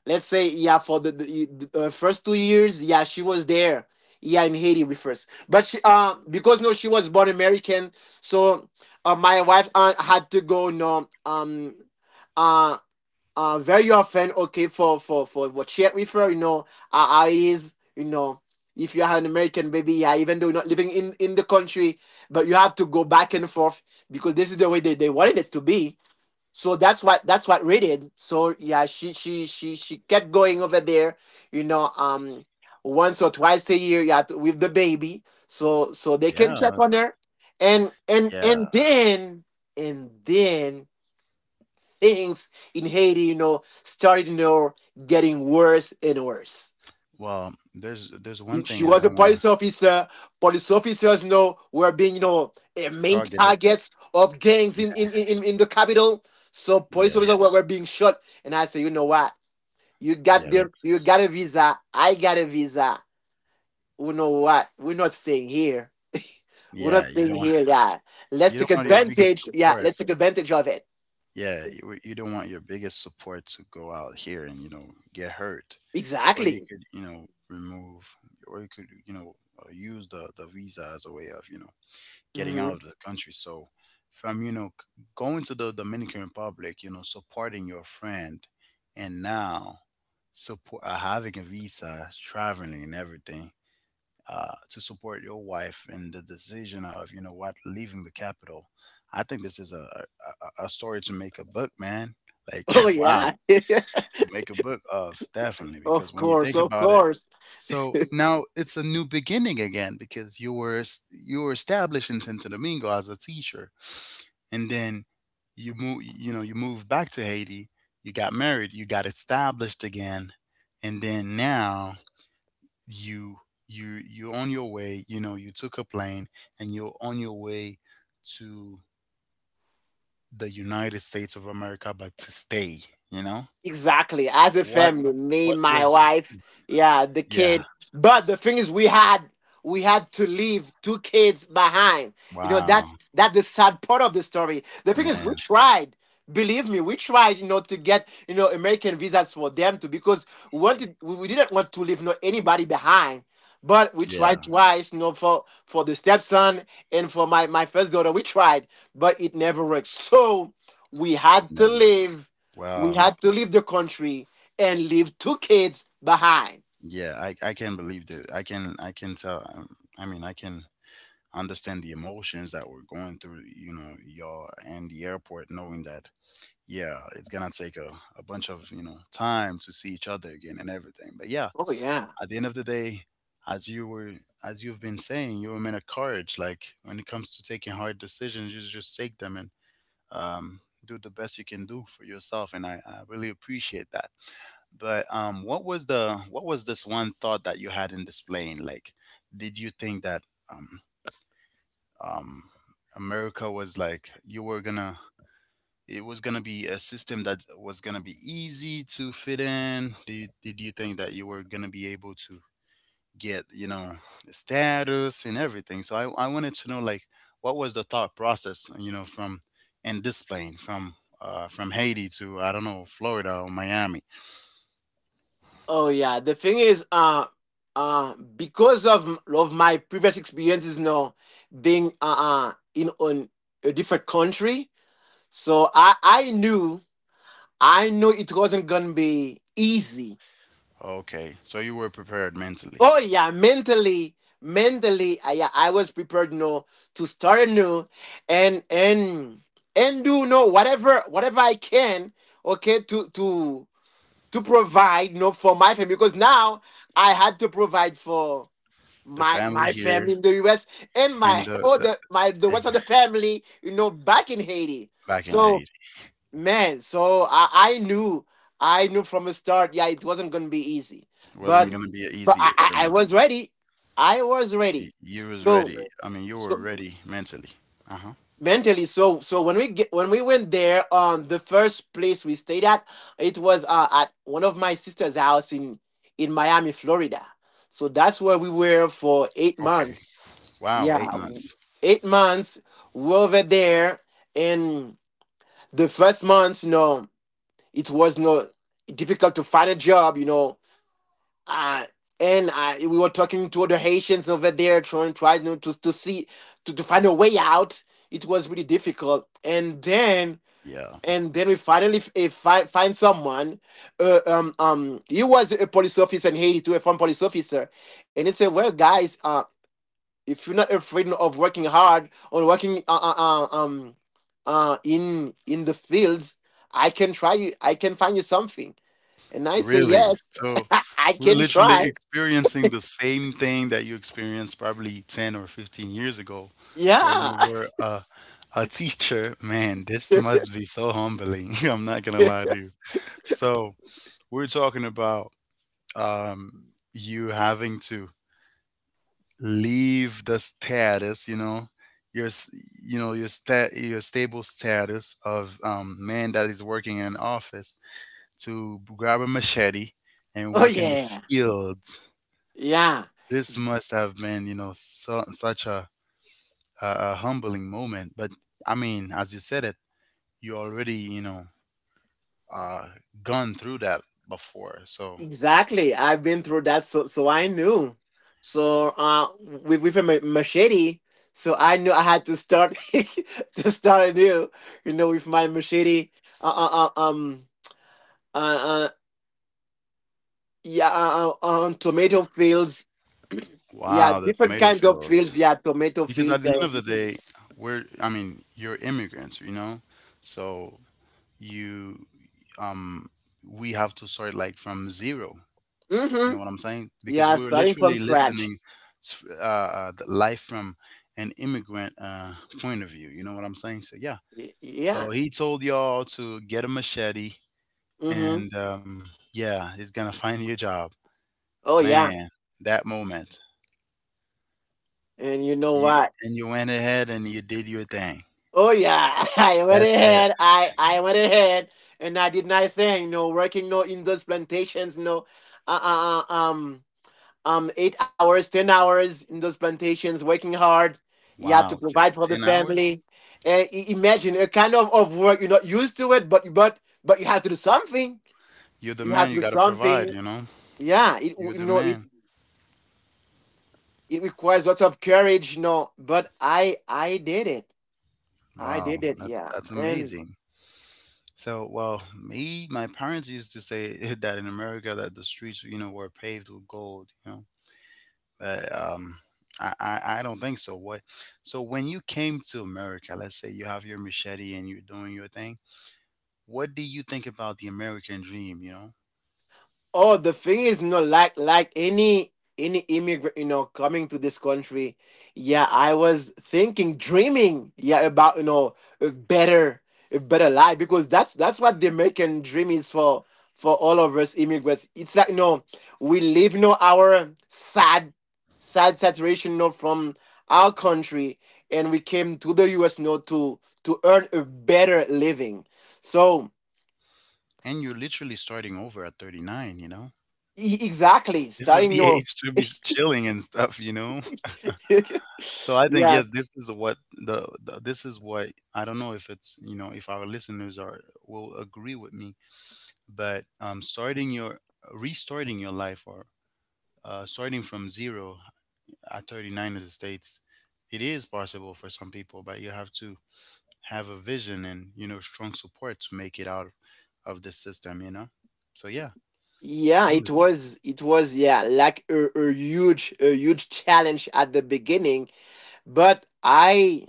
B: Let's say yeah for the first 2 years, yeah, she was there. Yeah, in Haiti we first. But she because no she was born American, so my wife had to go no uh very often, okay, for what she refer, you know, is you know, if you have an American baby, yeah, even though you're not living in the country, but you have to go back and forth because this is the way they wanted it to be. So that's what Ray did. So yeah, she kept going over there, you know, um, once or twice a year, yeah, with the baby, so they can
A: Yeah,
B: check on
A: that's
B: her, and and
A: yeah.
B: and then and then things in Haiti, started, getting worse and worse.
A: Well, there's one
B: She
A: thing I
B: was a
A: don't wanna
B: police officer. Police officers, were being, main
A: target it.
B: targets of gangs in,
A: Yeah.
B: in, in, in the capital. So police
A: Yeah.
B: officers were being shot. And I said, you know what? You got
A: Yeah, that
B: there, you got a visa. I got a visa. You know what? We're not staying here. We're not
A: yeah,
B: staying here, yeah. Let's
A: you don't
B: take
A: want your biggest
B: advantage. Yeah,
A: support.
B: let's take advantage of it.
A: Yeah, you don't want your biggest support to go out here and, you know, get hurt. Or you
B: Exactly.
A: could, you know, remove, or you could, you know, use the visa as a way of, you know, getting out
B: Mhm.
A: of the country. So from you know c- going to the Dominican Republic, you know, supporting your friend, and now support having a visa, traveling and everything, to support your wife in the decision of, you know what, leaving the capital. I think this is a a story to make a book, man. Like
B: Oh
A: wow,
B: yeah.
A: to make a book of, definitely, because
B: Of
A: when you
B: course,
A: think
B: of
A: about it,
B: course.
A: so now it's a new beginning again because you were you were established in Santo Domingo as a teacher, and then you moved back to Haiti, you got married, you got established again, and then now you you're on your way. You know, you took a plane and you're on your way to the United States of America, but to stay. You know.
B: Exactly. As a
A: What
B: family, me,
A: what
B: my
A: was
B: wife, yeah, the
A: Yeah.
B: kid. But the thing is we had to leave two kids behind. You know, that's
A: Wow,
B: that's the sad part of the story. The thing is we
A: man.
B: tried. Believe me, we tried, you know, to get, you know, American visas for them too because we didn't want to leave no anybody behind. But we tried
A: Yeah,
B: twice, you know, for the stepson and for my first daughter. We tried, but it never worked. So we had to
A: never.
B: leave we
A: Wow.
B: had to leave the country and leave two kids behind.
A: Yeah, I can believe that. I can tell. I mean, I can understand the emotions that were going through, you know, y'all and the airport, knowing that, yeah, it's gonna take a bunch of, you know, time to see each other again and everything. But yeah,
B: Oh yeah.
A: at the end of the day, as you were as you've been saying, you're a man of courage. Like, when it comes to taking hard decisions, you just take them, and do the best you can do for yourself, and I really appreciate that. But what was the, what was this one thought that you had in this plane? Like, did you think that um, um, America was like you were gonna, it was gonna be a system that was gonna be easy to fit in? Did did you think that you were gonna be able to get, you know, status and everything? So I wanted to know like what was the thought process, you know, from in this plane from Haiti to I don't know, Florida or Miami.
B: Oh yeah. The thing is, because of my previous experiences, now being in on a different country, so I knew I knew it wasn't gonna be easy.
A: Okay, so you were prepared mentally.
B: Oh yeah, mentally, mentally, yeah, I was prepared, you know, to start anew, and and and do whatever I can, okay, to provide, you know, for my family because now I had to provide for
A: The
B: my
A: family
B: my
A: here.
B: family in the US and
A: And
B: my all
A: the
B: the my the rest
A: ex-
B: of the family, you know, back in Haiti.
A: back in Haiti.
B: So man, so I knew I knew from the start, yeah, it wasn't gonna be easy.
A: It
B: But
A: wasn't going
B: Mhm.
A: to be an
B: But
A: easier
B: I
A: journey.
B: was ready. I was ready.
A: You was
B: So
A: ready, I mean, you were
B: so
A: ready mentally. Uh-huh.
B: mentally, so when we get when we went there, the first place we stayed at, it was at one of my sister's house in Miami, Florida. So that's where we were for eight
A: Okay.
B: months
A: Wow, eight
B: Yeah,
A: months
B: 8 months we were over there. And the first months, you know, it was no difficult to find a job, you know. Uh and we were talking to other Haitians over there, trying, you know, to see, to find a way out. It was really difficult, and then
A: Yeah.
B: we finally find someone. He was a police officer in Haiti, too, a former police officer, and he said, "Well, guys, if you're not afraid of working hard or working in the fields, I can try you. I can find you something." And I say,
A: Really?
B: "Yes,
A: So
B: I
A: we're
B: can
A: literally
B: try."
A: experiencing the same thing that you experienced probably 10 or 15 years ago, where you
B: Yeah.
A: were a teacher. Man, this must be so humbling. I'm not gonna lie to you. So we're talking about you having to leave the status, you know, your s- you know, your stable status of man that is working in an office to grab a machete and
B: Oh
A: work in the
B: yeah.
A: fields.
B: Yeah.
A: This must have been, you know, so, such a a humbling moment. But I mean, as you said it, you already, you know, uh, gone through that before. So,
B: Exactly. I've been through that, so so I knew. So with a machete, so I knew I had to start to start anew. You know, with my machete, uh, uh, uh, um, uh, uh yeah, on tomato fields, yeah,
A: wow, the
B: different
A: tomato
B: kinds of fields,
A: fields.
B: yeah, tomato
A: Because at
B: fields,
A: the end of the
B: and
A: day, you're immigrants, you know? So you, um, we have to start like from zero. You
B: mm-hmm,
A: know what I'm saying? Because
B: yeah,
A: we're
B: starting from
A: literally
B: scratch.
A: listening to, the life from an immigrant point of view. You know what I'm saying? So yeah. So
B: Yeah,
A: he told y'all to get a machete,
B: mm-hmm,
A: and yeah, he's gonna find you a job.
B: oh yeah,
A: Man, that moment,
B: and you know what?
A: you went ahead and you did your thing.
B: Oh yeah, I went
A: That's it.
B: ahead. I went ahead, and I did not say no working no in those plantations. No, uh, uh, uh, um 8 hours, 10 hours in those plantations, working hard. You have to
A: Wow, t-
B: provide for the
A: 10 hours?
B: family. Imagine a kind of work you're not used to it, but but you have to do something.
A: You're the
B: You have
A: man.
B: to
A: You
B: do
A: gotta provide.
B: something.
A: You know,
B: Yeah, it
A: you're
B: you
A: the
B: know it,
A: man.
B: it requires lots of courage. No, but I did it. I
A: Wow,
B: did it, yeah.
A: that's
B: And
A: amazing. So, well, me, my parents used to say that in America that the streets, you know, were paved with gold, you know, but I don't think so. What? So, when you came to America, let's say you have your machete and you're doing your thing, what do you think about the American dream, you know?
B: Oh, the thing is, you know, like any immigrant, you know, coming to this country, yeah, I was thinking, dreaming, yeah, about, you know, a better a better life because that's what the American dream is for all of us immigrants. It's like, you know, we leave, you know, our sad saturation, you know, from our country, and we came to the US, you know, to earn a better living. So
A: And you're literally starting over at 39, you know?
B: exactly,
A: This is
B: starting, you
A: the
B: know,
A: age to be chilling and stuff, you know? So I think yes,
B: yes,
A: this is what the this is what I don't know if it's, you know, if our listeners are, will agree with me, but starting your restarting your life, or starting from zero at 39 in the States, it is possible for some people, but you have to have a vision and, you know, strong support to make it out of this system, you know. So yeah.
B: yeah
A: I'm
B: it was yeah like a huge challenge at the beginning, but I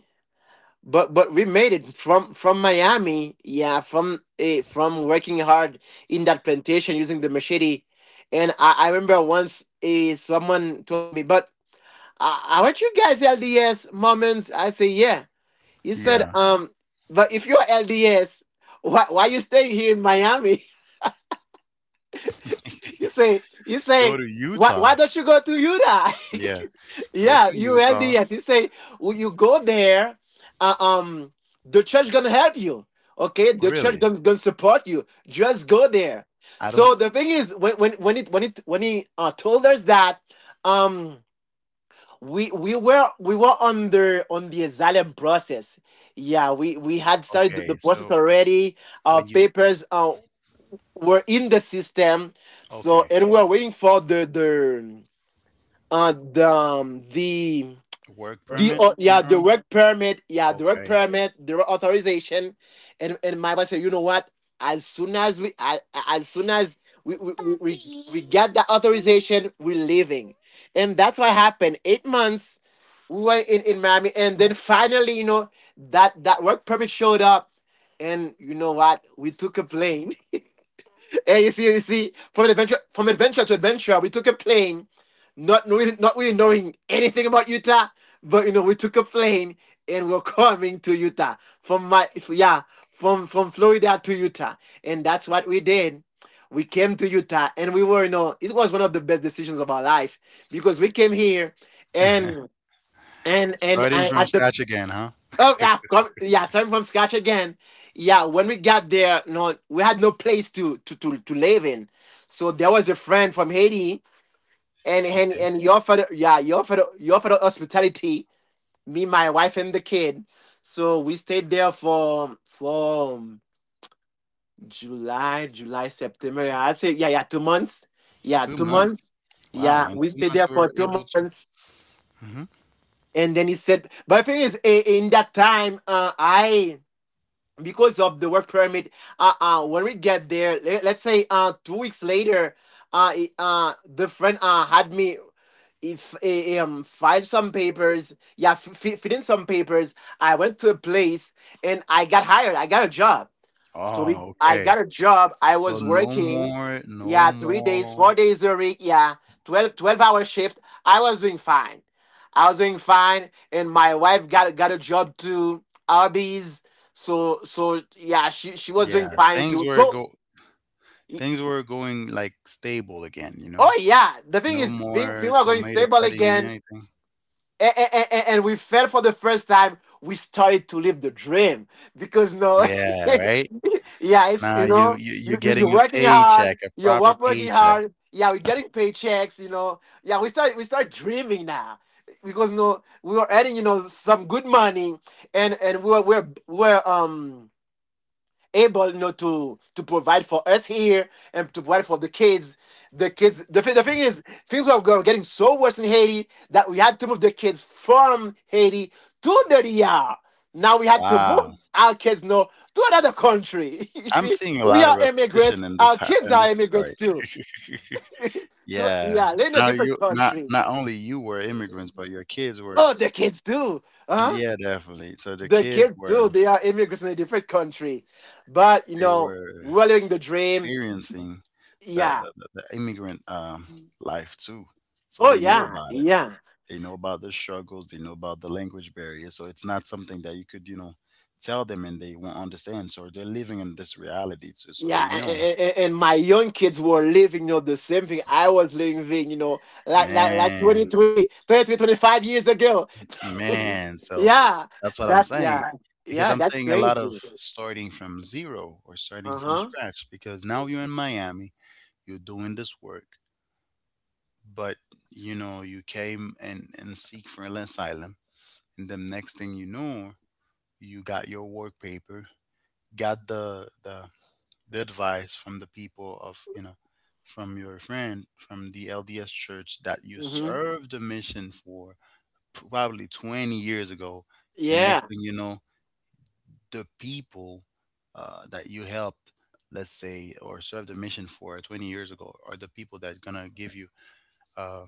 B: but we made it from Miami, yeah, from a from working hard in that plantation using the machete. And I remember once a someone told me, but aren't you guys LDS, Mormons. I say yeah. He
A: listening.
B: said
A: Yeah,
B: but if you're LDS, why you staying here in Miami? You
A: go
B: say
A: to Utah.
B: why don't you go to Utah?
A: Yeah, go
B: Yeah,
A: to
B: you
A: Utah.
B: LDS. You say, well, you go there. Uh, um, the church gonna help you. Okay,
A: Oh,
B: the church
A: really.
B: gonna, gonna support you. Just go there.
A: I
B: So
A: don't.
B: the thing is, when he told us that, um. we, we were on the asylum process. Yeah, we had started the
A: Okay,
B: process
A: so
B: already. Our
A: when you.
B: papers. We're in the system. So
A: Okay,
B: and we're waiting for the uh the um, the
A: work
B: the
A: permit, if I'm
B: yeah,
A: not
B: the
A: wrong.
B: work permit, yeah,
A: Okay.
B: the work authorization. And my boss said, you know what, as soon as we as, as soon as we get the authorization, we're leaving. And that's what happened. 8 months we were in Miami, and then finally, you know, that work permit showed up. And you know what? We took a plane. Hey, you see, from adventure to adventure, we took a plane, not really, not really knowing anything about Utah, but you know, we took a plane and we're coming to Utah from yeah, from Florida to Utah, and that's what we did. We came to Utah, and we were, you know, it was one of the best decisions of our life because we came here, and and
A: Starting
B: I,
A: from
B: at the
A: scratch again, huh.
B: Oh yeah, yeah, starting from scratch again. Yeah, when we got there, no, we had no place to live in. So there was a friend from Haiti,
A: Okay,
B: and he offered, yeah, he offered hospitality. Me, my wife, and the kid. So we stayed there for July, September. Yeah, I'd say yeah, yeah, 2 months. Yeah,
A: two
B: two
A: months
B: months.
A: Wow,
B: Yeah,
A: in
B: we
A: two
B: stayed there
A: months we
B: for
A: were
B: two
A: able to.
B: months,
A: Mhm.
B: and then he said, but the thing is, in that time, I because of the work permit, when we get there let's say 2 weeks later, the friend had me if eh, eh, file some papers. Fill in some papers, I went to a place, and I got hired. I got a job. So we
A: Oh,
B: I
A: okay.
B: got a job, I was
A: So no
B: working
A: more,
B: yeah,
A: no
B: 3 days, four
A: more.
B: days a week, yeah, twelve-hour shift. I was doing fine. I was doing fine. And my wife got a job too, Arby's. So so yeah, she was doing
A: Yeah,
B: fine too. So y-
A: things were going like stable again. You know,
B: oh yeah, the thing
A: no
B: is
A: more
B: things are going
A: tomato
B: stable
A: cutting and
B: again.
A: anything.
B: And we fell for the first time, we started to live the dream because no
A: Yeah, right.
B: yeah, it's,
A: Now
B: you know,
A: you're
B: you're
A: getting a
B: working
A: paycheck,
B: hard,
A: a proper
B: working
A: paycheck.
B: hard, yeah, we're getting paychecks, you know, yeah, we start dreaming now because no, we were earning, you know, some good money. And we were we're able, you know, to provide for us here and to provide for the kids. The kids, the thing is things were getting so worse in Haiti that we had to move the kids from Haiti to the Ria. Now we had to move
A: Wow,
B: our kids, no, to another country. You
A: I'm
B: see,
A: seeing a
B: we
A: lot of
B: are immigrants,
A: repetition in this
B: our kids
A: in
B: are
A: this story.
B: immigrants too,
A: Yeah.
B: yeah, they're in a
A: Now you,
B: different
A: not
B: country.
A: not only you were immigrants, but your kids were.
B: Oh, the kids too. Huh?
A: Yeah, definitely. So the
B: The
A: kids
B: kids
A: were,
B: too, they are immigrants in a different country. But, you
A: they
B: know,
A: were
B: we're living the dream.
A: experiencing the
B: Yeah.
A: the immigrant life too, so
B: Oh
A: they know
B: yeah,
A: about it.
B: yeah,
A: They know about the struggles. They know about the language barrier. So it's not something that you could, you know, tell them and they won't understand. So they're living in this reality too. So
B: yeah.
A: they know,
B: And my young kids were living, you know, the same thing I was living, you know, like
A: man,
B: 23, 23, 25 years ago.
A: man. So
B: Yeah,
A: that's what I'm
B: that's
A: saying.
B: yeah,
A: Because
B: yeah.
A: I'm
B: That's
A: saying a lot of
B: crazy.
A: starting from zero or starting
B: Uh
A: from
B: huh.
A: scratch. Because now you're in Miami, you're doing this work but you know you came and seek for an asylum and the next thing you know you got your work paper got the the advice from the people of you know from your friend from the LDS church that you
B: Mm-hmm.
A: served a mission for probably 20 years ago and next
B: Yeah,
A: thing you know the people that you helped, let's say, or served a mission for 20 years ago are the people that gonna give you uh.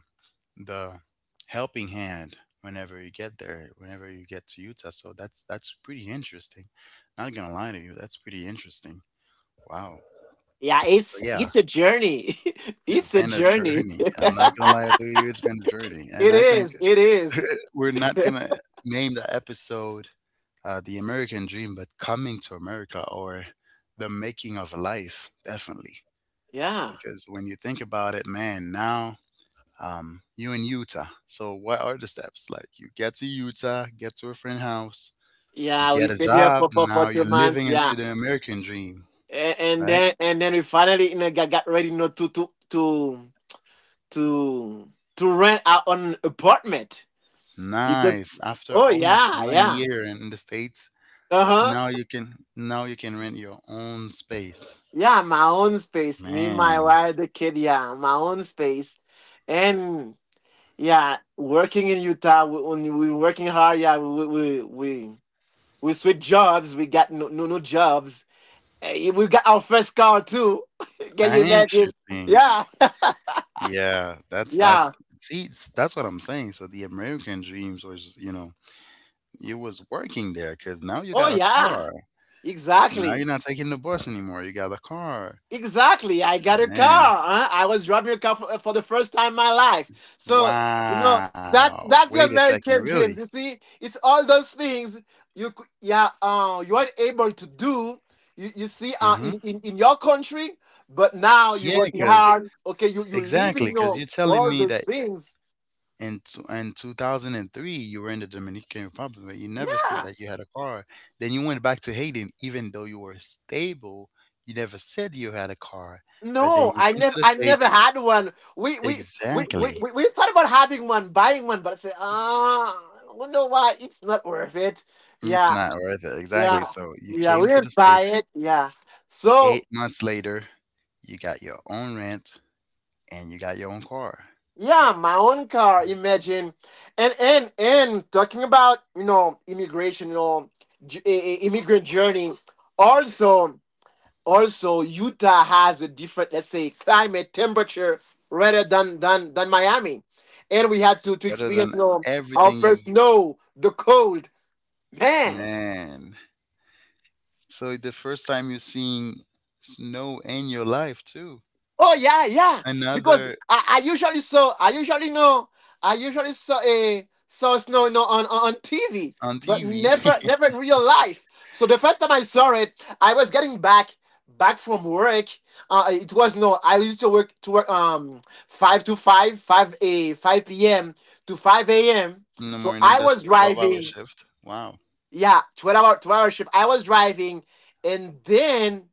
A: the helping hand whenever you get there, whenever you get to Utah. So that's pretty interesting. Not gonna lie to you, that's pretty interesting. Wow.
B: yeah.
A: So yeah,
B: It's a journey.
A: it's
B: It's a
A: been a
B: journey.
A: journey. I'm not gonna lie to you, it's been a journey. And I
B: It
A: think
B: is. It is.
A: we're not gonna name the episode the American Dream, but Coming to America or the making of life, definitely.
B: Yeah.
A: Because when you think about it, man, now you're in Utah. So what are the steps? Like you get to Utah, get to a friend's house, you
B: Yeah. We
A: get a
B: stayed here
A: job.
B: for
A: Now you're
B: 2 months.
A: living
B: Yeah.
A: into the American dream,
B: and, and
A: right?
B: then and then we finally got ready, you know, to to rent our own apartment because
A: Nice. After
B: oh
A: almost
B: yeah,
A: one
B: yeah,
A: year in the States,
B: uh-huh,
A: now you can rent your own space.
B: yeah. My own space, me, my
A: Man,
B: wife, the kid, yeah, my own space. And yeah, working in Utah, when we working hard, yeah, we we switch jobs, we got no jobs. Eh, we got our first car too. Can you imagine?
A: interesting.
B: Yeah.
A: Yeah, that's
B: Yeah.
A: see, that's what I'm saying. So the American dreams was, you know, it was working there because now you
B: Oh
A: got a
B: yeah.
A: car. Now
B: Exactly.
A: you're not taking the bus anymore. You got a car.
B: Exactly. I got a
A: Man.
B: car. Huh? I was driving a car for the first time in my life. So, you know, that
A: Wow.
B: that's
A: Wait
B: the
A: a second,
B: American
A: really?
B: dreams. You see, it's all those things yeah, you are able to do. You see,
A: Hmm.
B: in your country, but now you're
A: Yeah,
B: working
A: because
B: hard. Okay, you live
A: exactly,
B: in
A: because
B: your
A: you're telling
B: all
A: me
B: those
A: that
B: things.
A: in 2003 you were in the Dominican Republic, but you never said
B: Yeah.
A: that you had a car. Then you went back to Haiti, even though you were stable, you never said you had a car. But then
B: No,
A: you come to the
B: I never
A: States,
B: had one.
A: exactly.
B: We thought about having one, buying one, but I said, ah, I wonder why, it's not worth it.
A: It's
B: Yeah,
A: not worth it,
B: yeah,
A: exactly. So you
B: yeah. We
A: came to the
B: didn't buy
A: States
B: it. Yeah. So
A: 8 months later, you got your own rent and you got your own car.
B: yeah, my own car. Imagine, and talking about, you know, immigration, you know, immigrant journey. Also. Also Utah has a different, let's say, climate temperature rather than than Miami, and we had to
A: Better
B: experience,
A: than
B: you know, our
A: everything
B: first
A: you've,
B: snow, the cold, man.
A: man. So the first time you're seeing snow in your life too.
B: Oh yeah, yeah.
A: Another
B: I usually saw, I usually saw snow, you know, on TV,
A: on
B: but
A: TV.
B: never never in real life. So the first time I saw it, I was getting back from work. It was, no, I used to work, five to five, five a 5 p.m. to 5 a.m.
A: In the
B: So
A: morning.
B: I
A: That's
B: was
A: a 12-hour
B: driving.
A: shift. Wow.
B: Yeah, 12 hour shift. I was driving, and then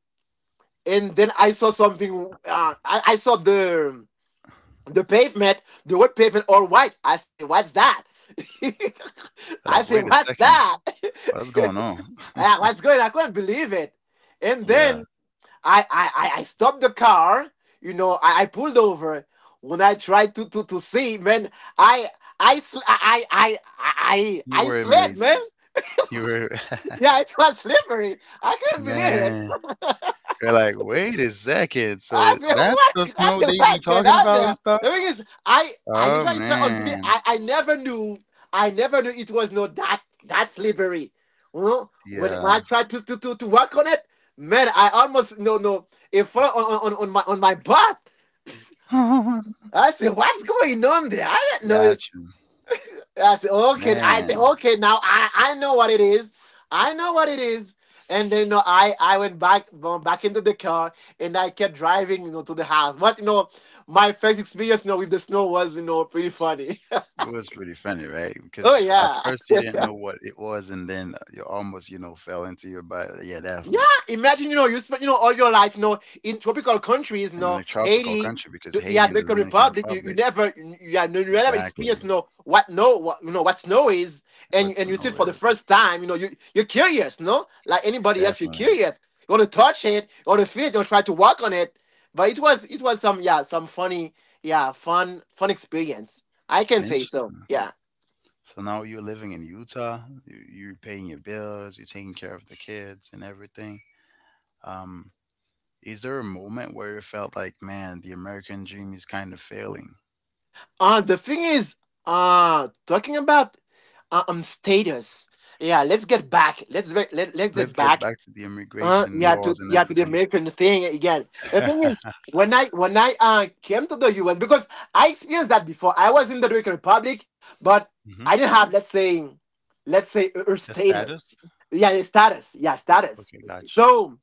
B: I saw something. I saw the pavement, the word pavement, all white. I say, what's that? I
A: Like,
B: say,
A: wait a
B: what's
A: second,
B: that?
A: what's going on?
B: Ah, what's going on? I couldn't believe it. And
A: Yeah,
B: then I stopped the car. You know, I pulled over. When I tried to see, man, I I sl-
A: you
B: I
A: were
B: slid,
A: amazed.
B: man.
A: You were,
B: Yeah, it was slippery. I couldn't believe
A: man.
B: it.
A: You're like, wait a second.
B: I
A: So
B: said,
A: that's
B: what?
A: the
B: I
A: snow
B: said,
A: they be
B: what's going
A: talking
B: on
A: about and
B: there? The thing
A: stuff.
B: is, I
A: Oh
B: usually try to until the-
A: man,
B: I never knew it was not that slippery. You know, when
A: yeah.
B: I tried to work on it, man, I almost, no, no, it fell on, on my butt.
A: Got
B: I said, what's going on there? I didn't know.
A: you,
B: I said, okay. I
A: man.
B: said, okay. Now I know what it is. I know what it is. And then, you know, I went back into the car and I kept driving, you know, to the house. But you know, my first experience, you know, with the snow was, you know, pretty funny.
A: It was pretty funny, right? Because
B: Oh
A: at
B: yeah.
A: first you didn't know what it was, and then you almost, you know, fell into your bio. Yeah,
B: Yeah,
A: definitely.
B: imagine, you know, you spent, you know, all your life, you know, in tropical countries, you
A: And in a
B: know,
A: tropical
B: Haiti,
A: country, because Haiti
B: yeah,
A: and the
B: Dominican
A: Dominican
B: Republic. You
A: Republic,
B: never you never
A: exactly
B: experienced, you know, what no what, you know, what snow is,
A: what
B: and you see it
A: snow
B: for the
A: is.
B: first time. You know, you're curious, no, like anybody else. You're
A: Definitely.
B: curious. You want to touch it, you want to feel it, you want to try to work on it. But it was, some, yeah, some funny, yeah, fun experience. I can say so.
A: Interesting.
B: Yeah.
A: So now you're living in Utah, you're paying your bills, you're taking care of the kids and everything. Um, is there a moment where you felt like, man, the American dream is kind of failing?
B: The thing is, talking about, um, status. Yeah, let's get back. Let's get
A: Let's get
B: back.
A: back to the immigration
B: Yeah,
A: laws
B: to
A: and
B: yeah, to the
A: everything.
B: American thing again. The thing is, when I, uh, came to the U.S. Because I experienced that before. I was in the Dominican Republic, but I
A: Hmm.
B: didn't have, let's say, a
A: The
B: status.
A: status?
B: Yeah, a status. Yeah, status.
A: Okay, gotcha.
B: So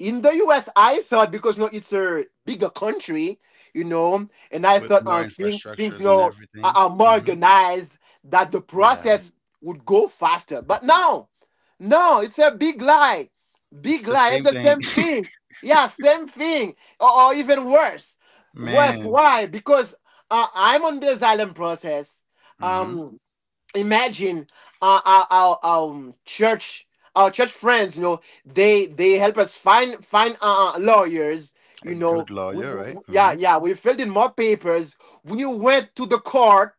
B: in the US, I thought, because, no, it's a bigger country, you know, and I
A: With
B: thought,
A: more
B: um, things,
A: infrastructures
B: you
A: and
B: know,
A: everything.
B: are more
A: Mhm.
B: organized, that the
A: Yeah.
B: process would go faster. But no, no, it's a big lie,
A: It's
B: big
A: the
B: lie.
A: same
B: It's the
A: thing.
B: same thing. Yeah, same thing, or even worse. Worse,
A: Man.
B: why? Because, I'm on this island process.
A: Mhm.
B: Um, imagine, our, church, our church friends, you know, they help us find, lawyers.
A: A
B: You
A: good
B: know,
A: lawyer, right?
B: yeah,
A: Mhm.
B: yeah, we filled in more papers, we went to the court,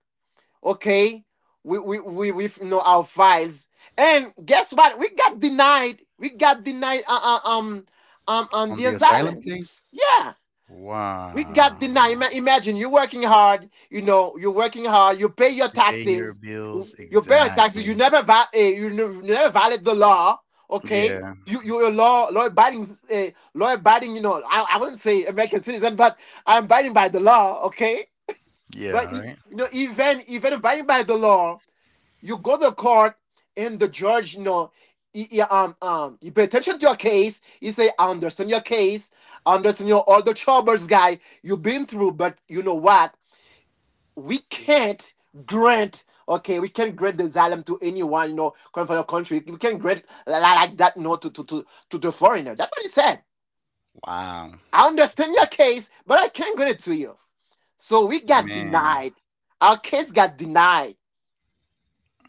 B: okay, we, you know, our files. And guess what, we got denied. We got denied, um, um, on
A: On
B: the
A: the asylum
B: asylum,
A: case?
B: yeah. We got denied.
A: Wow.
B: Imagine, you're working hard, you know, you're working hard, you pay your
A: You're paying your
B: taxes,
A: bills,
B: you're better taxes.
A: exactly.
B: You never violate the law. Okay,
A: Yeah.
B: you, law abiding, law abiding. You know, I wouldn't say American citizen, but I'm abiding by the law. Okay, but,
A: Yeah,
B: e,
A: right?
B: you know, even, even abiding by the law, you go to court and the judge, you know, you pay attention to your case. You say, I understand your case. I understand, you know, all the troubles, guy, you've been through. But you know what? We can't grant okay, we can't grant the asylum to anyone, you know, coming from the country. We can't grant like that, no, to the foreigner. That's what he said.
A: Wow.
B: I understand your case, but I can't grant it to you. So we got
A: Man.
B: denied. Our case got denied.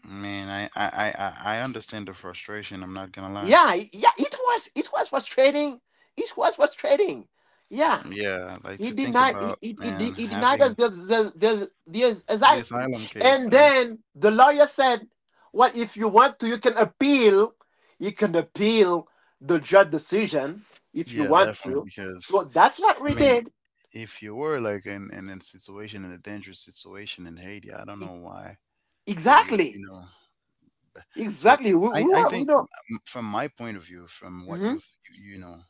A: Man, I understand the frustration, I'm not gonna lie.
B: Yeah, yeah, it was, it was frustrating. It was frustrating. Yeah.
A: Yeah, like
B: he
A: to think
B: denied he,
A: about
B: he, he
A: man
B: he denied us
A: having
B: the, the
A: the
B: asylum.
A: asylum
B: And
A: case, right?
B: then the lawyer said, well, if you want to, you can appeal. You can appeal the judge decision, if you
A: Yeah,
B: want
A: definitely
B: to.
A: because
B: So that's what
A: I
B: we
A: mean,
B: did.
A: if you were like in a situation, in a dangerous situation in Haiti, I don't
B: E-
A: know why they would,
B: exactly.
A: you know. So
B: Exactly,
A: I
B: we
A: think
B: know.
A: from my point of view, from what
B: Hmm.
A: you've, you know,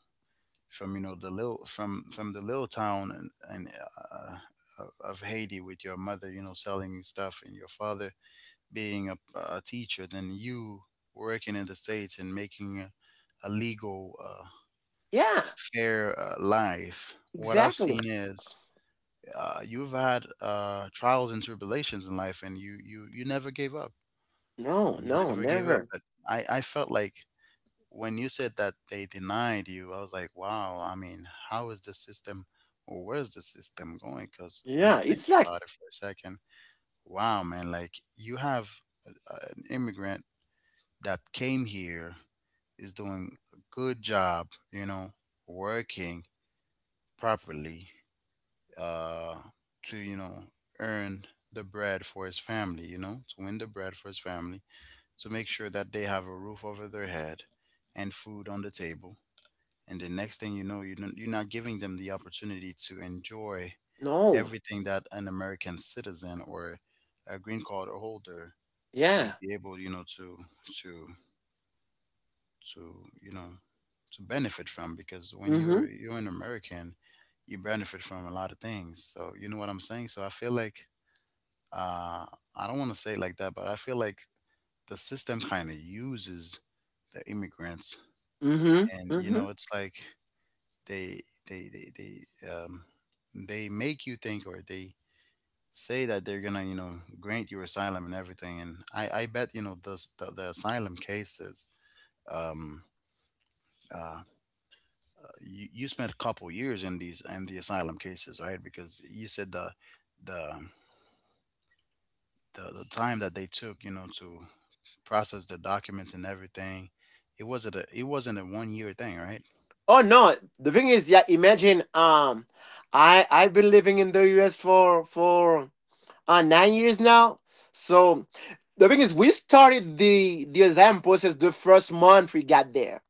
A: from, you know, the little, from the little town uh, of Haiti with your mother, you know, selling stuff and your father being a teacher, then you working in the States and making a legal,
B: Yeah,
A: fair life. What I've
B: exactly.
A: seen is you've had trials and tribulations in life, and you never gave up.
B: No,
A: You
B: no,
A: never gave up.
B: never.
A: But I felt like when you said that they denied you, I was like, wow. I mean, how is the system, or where's the system going? Because when you
B: Yeah,
A: think
B: it's like.
A: about it for a second, wow, man, like you have a, an immigrant that came here is doing a good job, you know, working properly uh, to you know earn the bread for his family, you know, to win the bread for his family, to make sure that they have a roof over their head and food on the table, and the next thing you know you're not giving them the opportunity to enjoy
B: No.
A: everything that an American citizen or a green card holder
B: Yeah.
A: would be able, you know, to to you know to benefit from. Because when
B: Mm-hmm.
A: you're an American, you benefit from a lot of things. So you know what I'm saying. So I feel like, uh, I don't want to say it like that, but I feel like the system kind of uses the immigrants,
B: Mm-hmm.
A: and you
B: Mm-hmm.
A: know, it's like they they they they they make you think, or they say that they're gonna you know grant you asylum and everything, and I bet you know the asylum cases. Um, uh, you, you spent a couple years in these in the asylum cases, right? Because you said the the time that they took, you know, to process the documents and everything. It wasn't a, it wasn't a 1 year thing, right?
B: Oh no, the thing is, yeah, imagine, um, I I've been living in the US for uh, 9 years now. So the thing is, we started the exam process the first month we got there.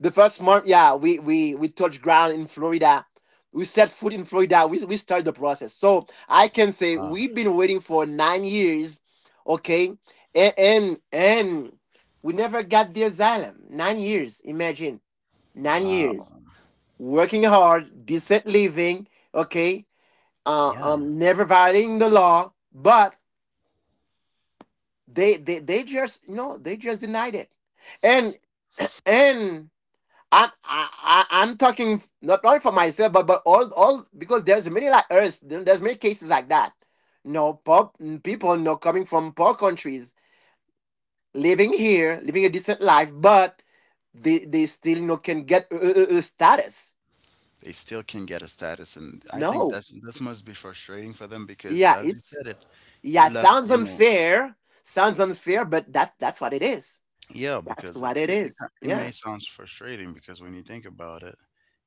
B: The first month, yeah, we touched ground in Florida. We set foot in Florida. We started the process. So I can say
A: Wow.
B: we've been waiting for 9 years, okay? And we never got the asylum. 9 years, imagine. 9
A: Wow.
B: years working hard, decent living, okay,
A: Yeah.
B: never violating the law, but they just, you know, they just denied it. And, and I'm talking not only for myself, but all, because there's many like us, there's many cases like that. No, poor people, no, coming from poor countries, living here, living a decent life, but they still, no, can get, status.
A: They still can get a status, and I think
B: No.
A: that's this must be frustrating for them because
B: Yeah,
A: as you
B: it's.
A: said it,
B: Yeah,
A: you
B: it
A: left,
B: sounds
A: you know,
B: unfair. Sounds unfair, but that's what it is.
A: yeah,
B: That's
A: because
B: what
A: it's
B: it
A: it, it,
B: is.
A: it
B: Yeah.
A: may sound frustrating because when you think about it,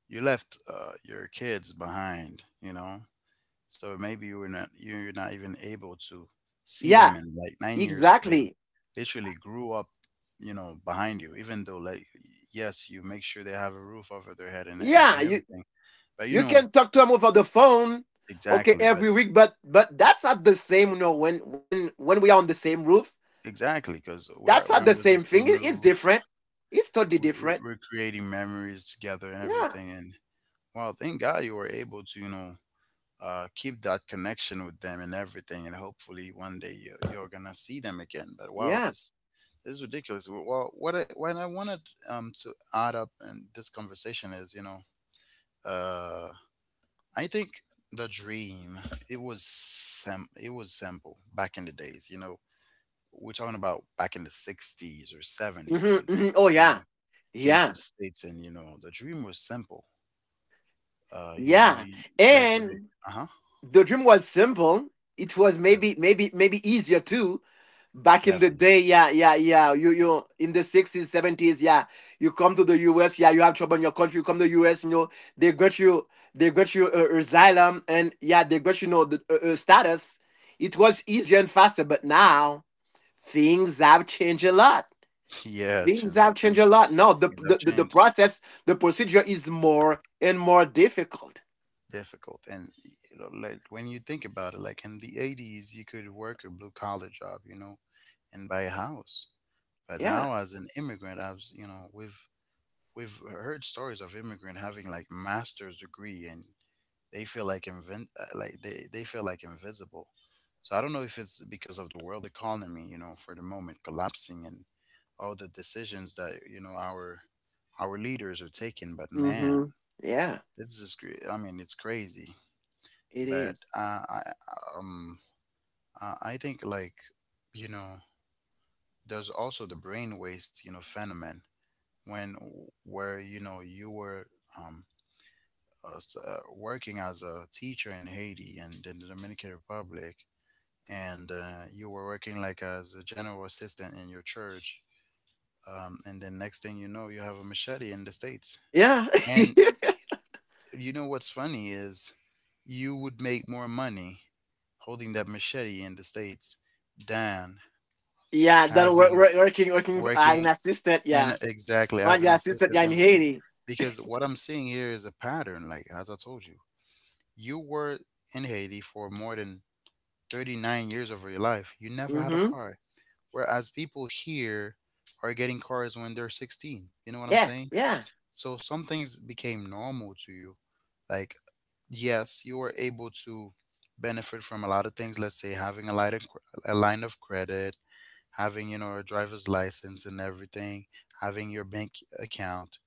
A: you left your kids behind, you know. So maybe you were not, you're not even able to see
B: Yeah,
A: them in like 9 years. So they
B: exactly.
A: literally grew up, you know, behind you. Even though like yes, you make sure they have a roof over their head
B: Yeah,
A: and
B: you
A: everything. But you
B: you
A: know
B: can talk to him over the phone, okay,
A: exactly. But
B: every week, but that's not the same, you know, when when we are on the same roof.
A: exactly because
B: That's
A: we're
B: not the
A: under the
B: same thing.
A: same
B: It- it's
A: roof.
B: different. It's totally
A: We,
B: different.
A: we're creating memories together and
B: Yeah.
A: everything. And wow, thank God you were able to, you know. Keep that connection with them and everything, and hopefully one day you, you're gonna see them again. But wow,
B: Yeah.
A: this is ridiculous. Well, what I wanted to add up in this conversation is, you know, uh, I think the dream, it was it was simple back in the days. You know, we're talking about back in the '60s or '70s
B: Hmm.
A: when
B: Hmm.
A: people,
B: Oh
A: you know,
B: yeah.
A: came to
B: Yeah.
A: the States, and you know, the dream was simple. You know,
B: Yeah.
A: you, like when they,
B: And
A: uh huh,
B: the dream was simple. It was,
A: yes,
B: maybe maybe easier too. Back in the
A: definitely,
B: day, yeah, yeah, yeah. You in the 60s, 70s, yeah. You come to the US, yeah. You have trouble in your country. You come to the US, you know, they got you, they got you, asylum, and yeah, they got, you know, the, status. It was easier and faster, but now things have changed a lot.
A: yeah,
B: Things
A: changed
B: have changed
A: everything.
B: a lot. No, the
A: Things have
B: the
A: changed.
B: process, the procedure is more and more difficult.
A: Difficult, and you know, like when you think about it like in the '80s you could work a blue collar job, you know, and buy a house. But now
B: Yeah.
A: as an immigrant, I was, you know, we've heard stories of immigrant having like master's degree, and they feel like invent like they feel like invisible. So I don't know if it's because of the world economy, you know, for the moment collapsing, and all the decisions that you know our leaders are taking, but man,
B: Mm-hmm. Yeah.
A: it's just I mean it's crazy.
B: It
A: But
B: is.
A: um I think like you know there's also the brain waste, you know, phenomenon when where you know you were um working as a teacher in Haiti and in the Dominican Republic, and you were working like as a general assistant in your church, and then next thing you know you have a machete in the States.
B: Yeah.
A: And you know what's funny is you would make more money holding that machete in the States than
B: Yeah, that
A: having
B: working, as an
A: working
B: assistant,
A: in,
B: yeah.
A: exactly,
B: One
A: as an
B: your assistant, yeah,
A: assistant
B: in
A: in the States.
B: Haiti.
A: Because what I'm seeing here is a pattern, like as I told you, you were in Haiti for more than 39 years of your life. You never had a
B: Mm-hmm.
A: car. Whereas people here are getting cars when they're 16. You know what I'm
B: Yeah,
A: saying?
B: yeah.
A: So some things became normal to you. Like yes, you were able to benefit from a lot of things. Let's say having a line of, a line of credit, having you know a driver's license and everything, having your bank account,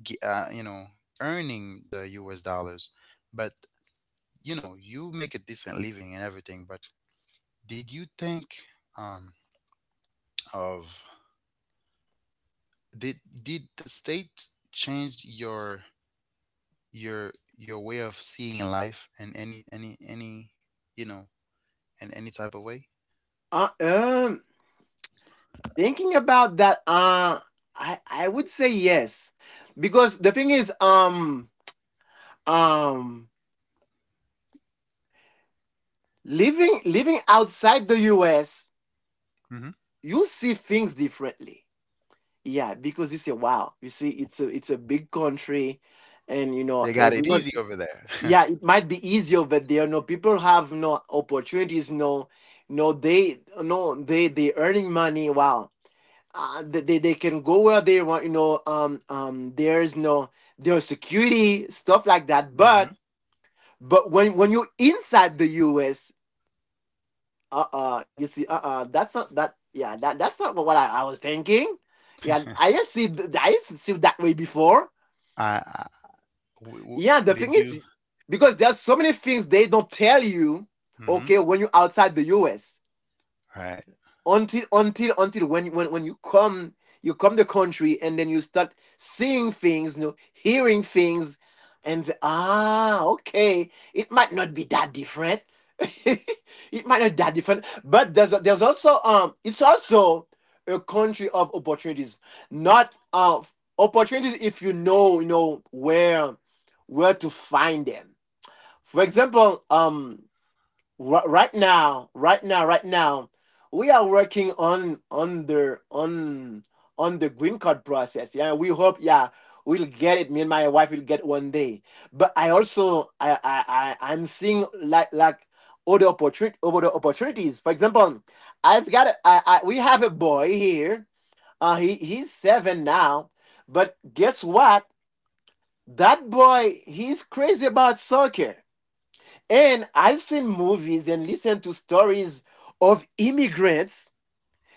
A: you know, earning the U.S. dollars. But you know, you make a decent living and everything. But did you think um, of did the state change your your way of seeing life in any you know, in any type of way?
B: Um, thinking about that, uh, I would say yes. Because the thing is, um, um, living outside the US,
A: Hmm.
B: you see things differently. Yeah, because you say, wow, you see it's a big country, and you know
A: They got it
B: everyone.
A: easy over there.
B: Yeah, it might be easier over there. No, people have no opportunities. No, they earning money, wow. They can go where they want, there's no there's security stuff like that,
A: Hmm.
B: but when you're inside the US. Uh-uh you see, that's not that. Yeah, that's not what I was thinking. Yeah, I didn't see it that way before.
A: I
B: Yeah, the
A: did
B: thing
A: you?
B: is, because there's so many things they don't tell you,
A: Hmm.
B: okay, when you're outside the US
A: Right.
B: until when you come to the country, and then you start seeing things, hearing things. And the, ah okay, it might not be that different, it might not be that different. But there's also, it's also a country of opportunities. Not, opportunities if you know, where to find them. For example, right now we are working on the green card process. Yeah, we hope, yeah, we'll get it, me and my wife, will get one day. But I also I I'm seeing, like, other opportunities. For example, I've got a- I we have a boy here. He's 7 now. But guess what? That boy, he's crazy about soccer. And I've seen movies and listened to stories of immigrants.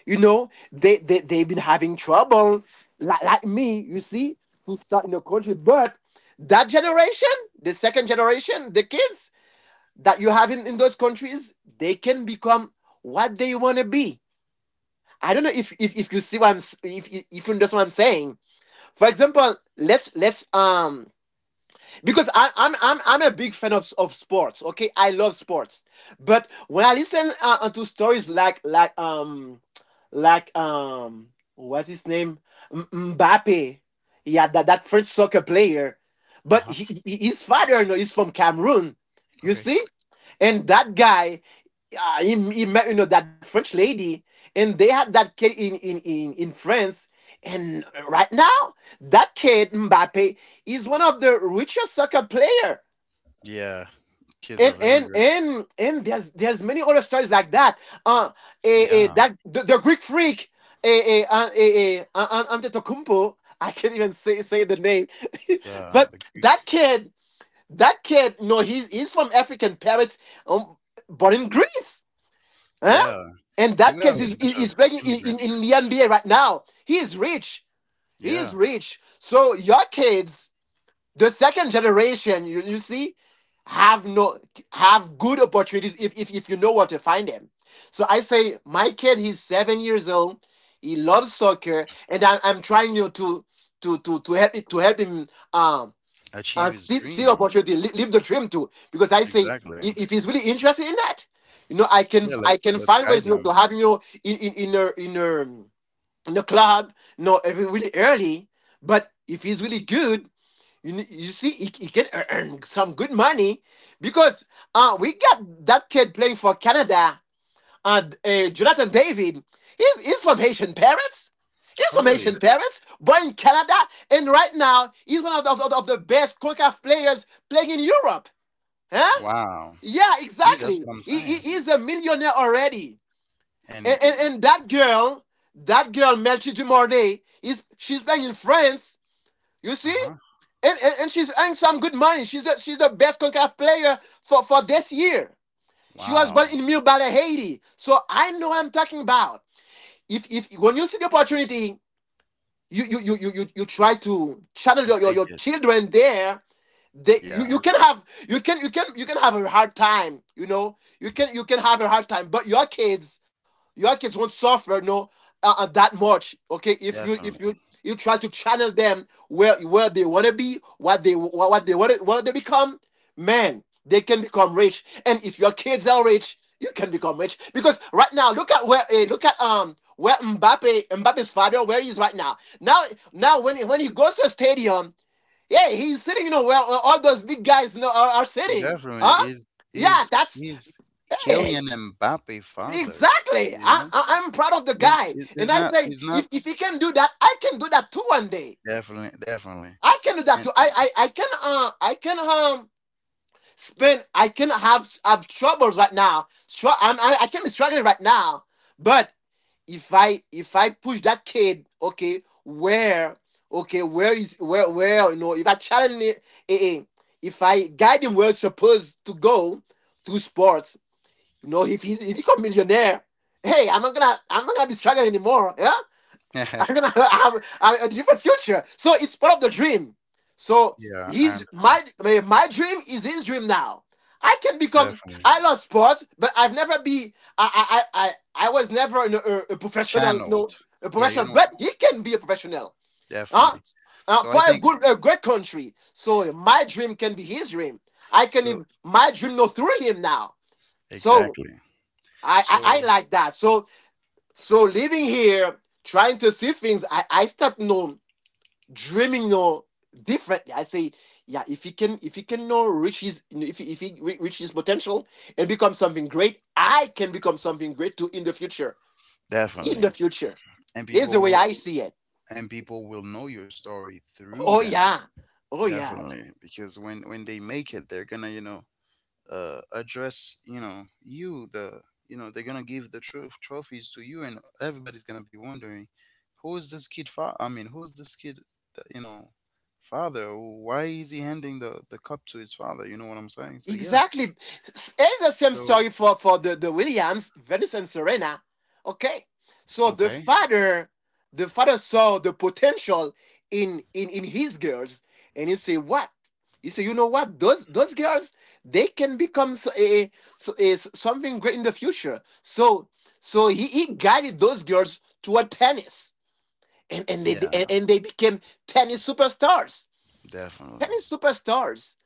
B: They've been having trouble, like me, you see, who start in a country. But that generation, the second generation, the kids that you have in those countries, they can become what they want to be. I don't know if you see what I'm s- if you understand what I'm saying. For example, let's because I, I'm a big fan of sports. Okay, I love sports, but when I listen, to stories like, what's his name, Mbappe, yeah, that French soccer player.
A: Uh
B: But
A: huh.
B: his father, is from Cameroon. You
A: Okay.
B: see. And that guy, he met, that French lady, and they had that kid in France. And right now, that kid Mbappe is one of the richest soccer player.
A: Yeah. Kids
B: And
A: of
B: and
A: immigrant.
B: and and there's many other stories like that. Uh,
A: Yeah.
B: the Greek freak, Antetokounmpo. I can't even say the name.
A: Yeah.
B: But
A: The Greek.
B: that kid, no, he's from African parents, um, but in Greece. Huh?
A: Yeah.
B: And that
A: And we
B: case
A: have a
B: is, is,
A: bunch
B: is
A: of
B: playing in, in,
A: immigrant.
B: in the NBA right now. He is rich. He is
A: Yeah.
B: rich. So your kids, the second generation, you see, have no have good opportunities if, if you know where to find them. So I say my kid, he's 7 years old. He loves soccer, and I'm trying, you know, to help him. Um, and
A: Achieve his
B: see the
A: dream.
B: opportunity, live the dream too. Because I say,
A: Exactly.
B: if he's really interested in that, you know, I can
A: Yeah.
B: I
A: Let's
B: can
A: let's
B: find ways,
A: guide
B: you know, to
A: him.
B: have him, you know, in a club, you know, every really early. But if he's really good, you see, he can, earn some good money, because we got that kid playing for Canada, and Jonathan David. He's from Haitian parents. He's
A: Oh,
B: from Haitian
A: really?
B: parents, born in Canada, and right now he's one of the best CONCACAF players playing in Europe. Huh?
A: Wow.
B: Yeah,
A: See, that's
B: exactly.
A: what I'm
B: He, he
A: saying.
B: he's a millionaire already.
A: And
B: And that girl Melchie Dumornay, is she's playing in France. You
A: uh
B: see?
A: huh.
B: And she's earning some good money. She's the best CONCACAF player for this year. She was born
A: Wow.
B: in Mille Balles, Haiti. So I know what I'm talking about. If When you see the opportunity, you try to channel
A: You
B: your
A: take it.
B: children there. They you, you
A: Yeah.
B: can have you can you can you can have a hard time, you can have a hard time, but your kids won't suffer, no, that much. Okay, if you if
A: Definitely.
B: you you try to channel them where they want to be, what they, what they want to become, man, they can become rich. And if your kids are rich, you can become rich, because right now, look at where, look at, where Mbappe's father, where he is right now. Now, when he goes to a stadium, yeah, he's sitting, you know, where all those big guys, you know, are sitting.
A: Definitely
B: Huh?
A: is
B: Yeah,
A: is
B: that's
A: is
B: Hey,
A: Kylian Mbappe father,
B: exactly.
A: you
B: I,
A: know?
B: I, I'm proud of the
A: Is
B: guy.
A: is
B: And
A: is
B: I
A: not
B: say,
A: is
B: if,
A: not
B: he can do that, I can do that too one day.
A: definitely.
B: I can do that too.
A: And
B: I can spend I can have troubles right now. I can be struggling right now. But if I push that kid, okay, where is where you know if I challenge it, eh, eh, if I guide him where he's supposed to go, to sports, if he become millionaire, hey, I'm not gonna be struggling anymore. Yeah, I'm gonna have a, different future. So it's part of the dream. So
A: yeah, I
B: his my
A: understand.
B: my dream is his dream now. I can become.
A: Definitely.
B: I love sports, but I've never be. I was never in a, professional. No,
A: Channeled.
B: a
A: Yeah,
B: professional.
A: you know,
B: But he can be a professional. Huh?
A: definitely. So
B: For
A: I
B: a
A: think
B: good a great country. So my dream can be his dream. I can even
A: so
B: my dream know through him now. So
A: exactly.
B: I
A: So
B: like that. So living here trying to see things, I start know dreaming or differently. I say, yeah, if he can now reach his, if he reach his potential and become something great, I can become something great too in the future. In the
A: definitely.
B: future,
A: And
B: is the
A: people
B: way
A: will
B: I see it.
A: and people will know your story through
B: Oh
A: them.
B: yeah, oh yeah.
A: Definitely. Because when they make it, they're gonna, address you know you the you know they're gonna give the trophies to you, and everybody's gonna be wondering who is this kid fa- I mean who's this kid, that, you know father, why is he handing the cup to his father? You know what I'm saying? So yeah,
B: Exactly. It's the same
A: so
B: story for, the Williams, Venus and Serena. Okay. So the
A: okay,
B: father, the father saw the potential in his girls, and he said, what? He said, you know what? Those girls, they can become, something great in the future. So he guided those girls toward tennis. And and they
A: yeah,
B: and and they became tennis superstars.
A: definitely.
B: Tennis superstars.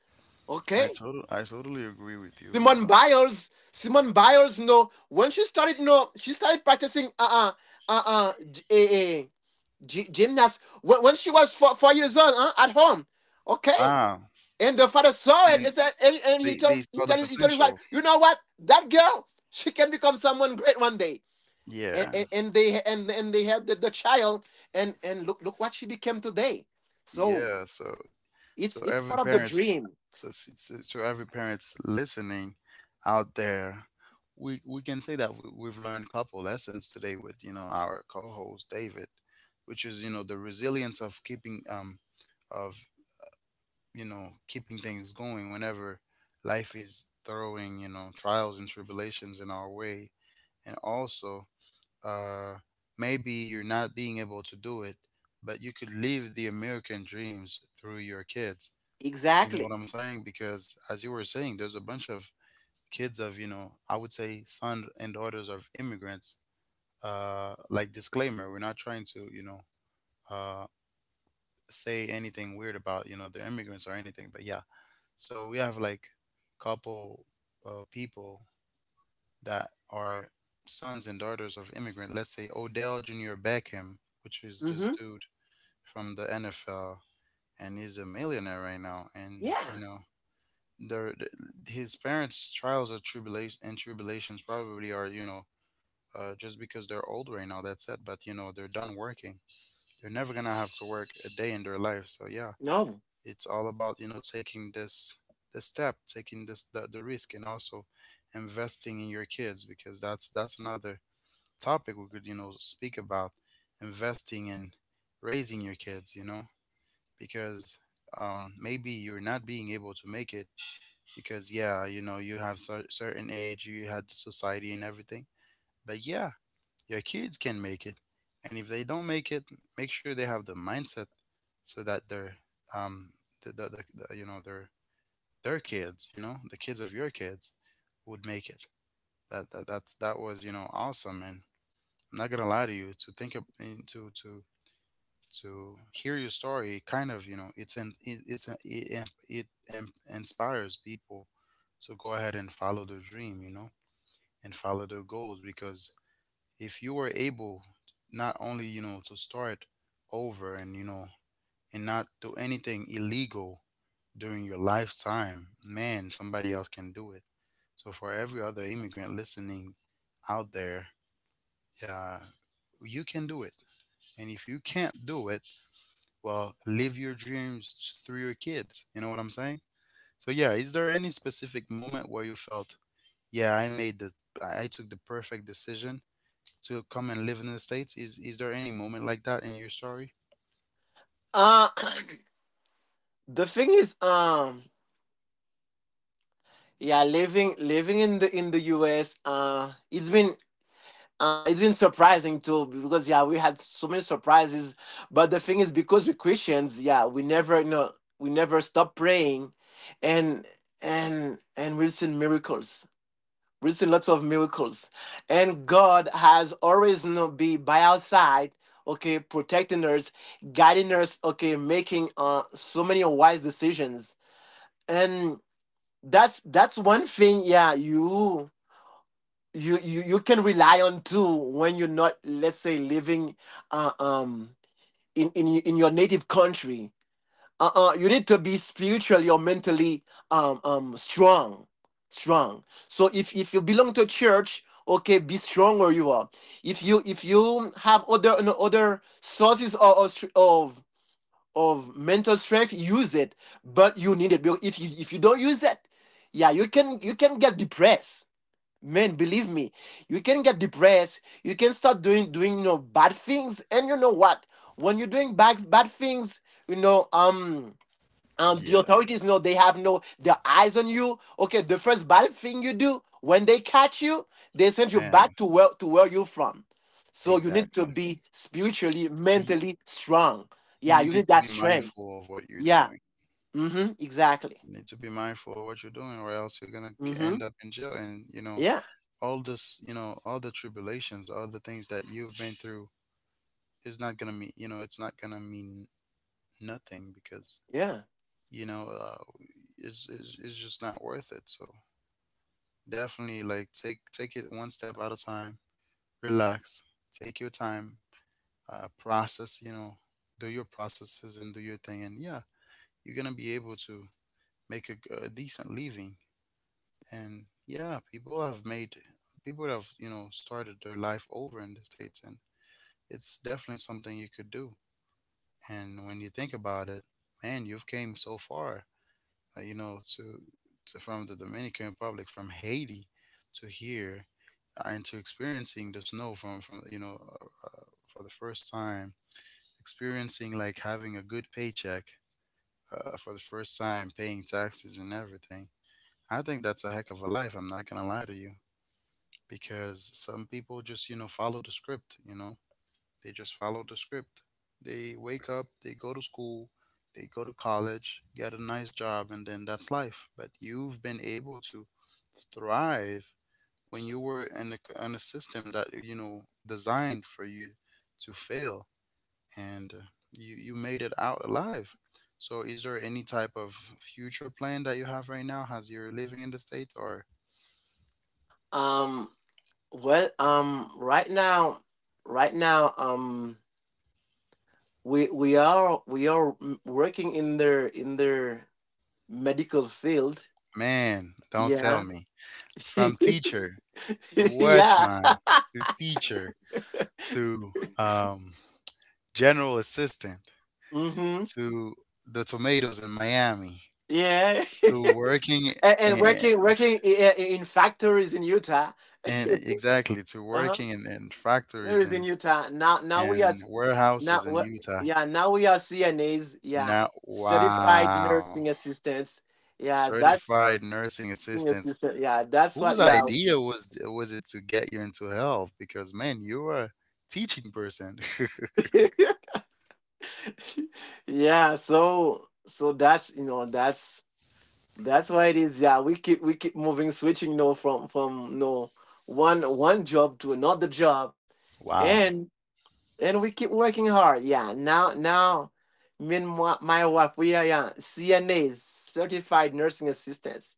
A: i
B: Okay?
A: totally i totally agree with you.
B: Simone Biles, you know, when she started, you know, she started practicing, uh, uh, g- eh, eh, gymnast when she was four years old, huh, at home, okay.
A: Wow.
B: And the father saw it
A: And
B: and said, and he
A: they
B: told,
A: they saw the
B: his wife,
A: potential.
B: you know what, that girl, she can become someone great one day. And,
A: Yeah,
B: and, and they and and they had the, child, and look what she became today. So
A: yeah, so.
B: it's
A: So
B: it's part
A: every
B: of the
A: parents,
B: dream,
A: so s- so, so every parents listening out there, we can say that we've learned couple lessons today with our co-host David, which is the resilience of keeping of keeping things going whenever life is throwing trials and tribulations in our way, and also uh maybe you're not being able to do it, but you could live the American dreams through your kids. You know what
B: exactly.
A: I'm saying? Because as you were saying, there's a bunch of kids of, you know, I would say son and daughters of immigrants. Like disclaimer, we're not trying to, uh, say anything weird about, you know, they're immigrants or anything. But yeah, so we have like couple people that are sons and daughters of immigrant. Let's say Odell Jr. Beckham, which is this
B: Hmm.
A: dude from the NFL, and he's a millionaire right now. And you
B: Yeah.
A: know, their th- his parents' trials or tribulation and tribulations probably are, you know, just because they're old right now. That's it. But you know they're done working. They're never gonna have to work a day in their life. So yeah,
B: No.
A: it's all about you know taking this the step, taking the risk, and also investing in your kids, because that's another topic we could, you know, speak about: investing in raising your kids. You know, because maybe you're not being able to make it, because yeah, you know, you have certain age, you had society and everything, but yeah, your kids can make it. And if they don't make it, make sure they have the mindset so that they're, um the, the, the, the you know, their kids, you know, the kids of your kids would make it. That, that's that was, you know, awesome. And I'm not gonna lie to you, to think of, eh, to to to hear your story, it kind of, you know, it's inspires people to go ahead and follow their dream, you know, and follow their goals. Because if you were able not only, you know, to start over and, you know, and not do anything illegal during your lifetime, man, somebody else can do it. So for every other immigrant listening out there, yeah, you can do it. And if you can't do it, well, live your dreams through your kids. You know what I'm saying? So yeah, is there any specific moment where you felt yeah, I took the perfect decision to come and live in the states? Is there any moment like that in your story?
B: Uh the thing is, yeah, living in the US, it's been, it's been surprising too, because yeah, we had so many surprises. But the thing is, because we're Christians, yeah, we never stop praying, and and we've seen miracles. We've seen lots of miracles, and God has always, be by our side, okay, protecting us, guiding us, okay, making, so many wise decisions. And that's one thing, yeah, you can rely on too when you're not, let's say, living, uh, um in your native country. Uh-uh you need to be spiritually or mentally, um um strong strong. So if you belong to a church, okay, be strong where you are. If you if you have other, no, other sources of mental strength, use it. But you need it. If you don't use it, yeah, you can get depressed. Man, believe me, you can get depressed. You can start doing, bad things. And you know what? When you're doing bad things, you know, the
A: Yeah.
B: authorities, know they have no their eyes on you. Okay, the first bad thing you do, when they catch you, they send you
A: Man.
B: back to where, you're from. So you need
A: Exactly.
B: to be spiritually,
A: You
B: mentally strong. Yeah,
A: you,
B: you
A: need
B: need
A: to be
B: that strength.
A: mindful of what you're
B: Yeah.
A: doing.
B: Mm-hmm. Exactly.
A: You need to be mindful of what you're doing, or else you're gonna
B: Mm-hmm.
A: end up in jail, and you know,
B: Yeah.
A: all this, you know, all the tribulations, all the things that you've been through, is not gonna mean, you know, it's not gonna mean nothing. Because
B: Yeah.
A: you know uh, it's, it's just not worth it. So definitely, like, take it one step at a time. Relax. Take your time. Process. You know, do your processes and do your thing. And yeah, you're gonna be able to make a, a decent living. And yeah, people have, you know, started their life over in the states, and it's definitely something you could do. And when you think about it, man, you've came so far, uh, you know, to, to from the Dominican Republic, from Haiti, to here, and to experiencing the snow from you know, for the first time, experiencing like having a good paycheck, for the first time, paying taxes and everything. I think that's a heck of a life. I'm not gonna lie to you, because some people just, you know, follow the script. You know, they just follow the script. They wake up, they go to school, they go to college, get a nice job, and then that's life. But you've been able to thrive when you were in a, in a system that, you know, designed for you to fail. And you you made it out alive. So is there any type of future plan that you have right now as you're living in the states? Or
B: Um. Well. Right now. Right now. Um. We are working in their medical field.
A: man, don't tell
B: Yeah.
A: me, from teacher to
B: Yeah.
A: watchman to teacher to, um, general assistant
B: Mm-hmm.
A: to the tomatoes in Miami
B: Yeah.
A: to working
B: And
A: in.
B: working in factories in Utah.
A: And exactly to
B: Uh-huh.
A: working in
B: It
A: factories
B: is in Utah. Now,
A: and
B: now
A: warehouses in
B: what?
A: Utah.
B: Yeah, now we are CNAs. Yeah,
A: Now,
B: certified nursing
A: wow,
B: assistants. Yeah, that's
A: certified nursing
B: nursing
A: assistants.
B: assistant. Yeah, that's what.
A: Whose
B: Yeah,
A: idea was it to get you into health? Because man, you're a teaching person.
B: yeah. So that's that's what it is. Yeah, we keep moving, switching. No, from no one job to another job,
A: Wow.
B: and and we keep working hard. Yeah, now, me and my wife, we are, yeah, CNAs, certified nursing assistants,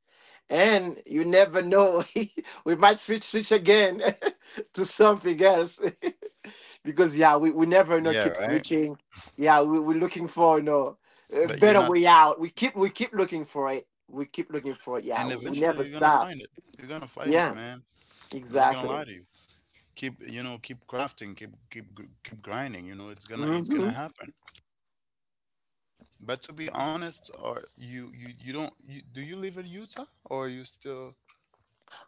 B: and you never know, we might switch again to something else, because yeah, we never know, keep
A: Yeah, right?
B: switching. Yeah, we're looking for, a
A: But
B: better
A: you're
B: way
A: not,
B: out. We keep looking for it. We keep looking for it. Yeah, we,
A: and
B: we never
A: eventually you're gonna
B: stop.
A: find it. You're gonna find
B: Yeah,
A: it, man. I'm not gonna
B: exactly.
A: lie to you. Keep, you know, keep crafting, keep grinding. You know, it's
B: Hmm.
A: gonna happen. But to be honest, or you don't you, do you live in Utah, or are you still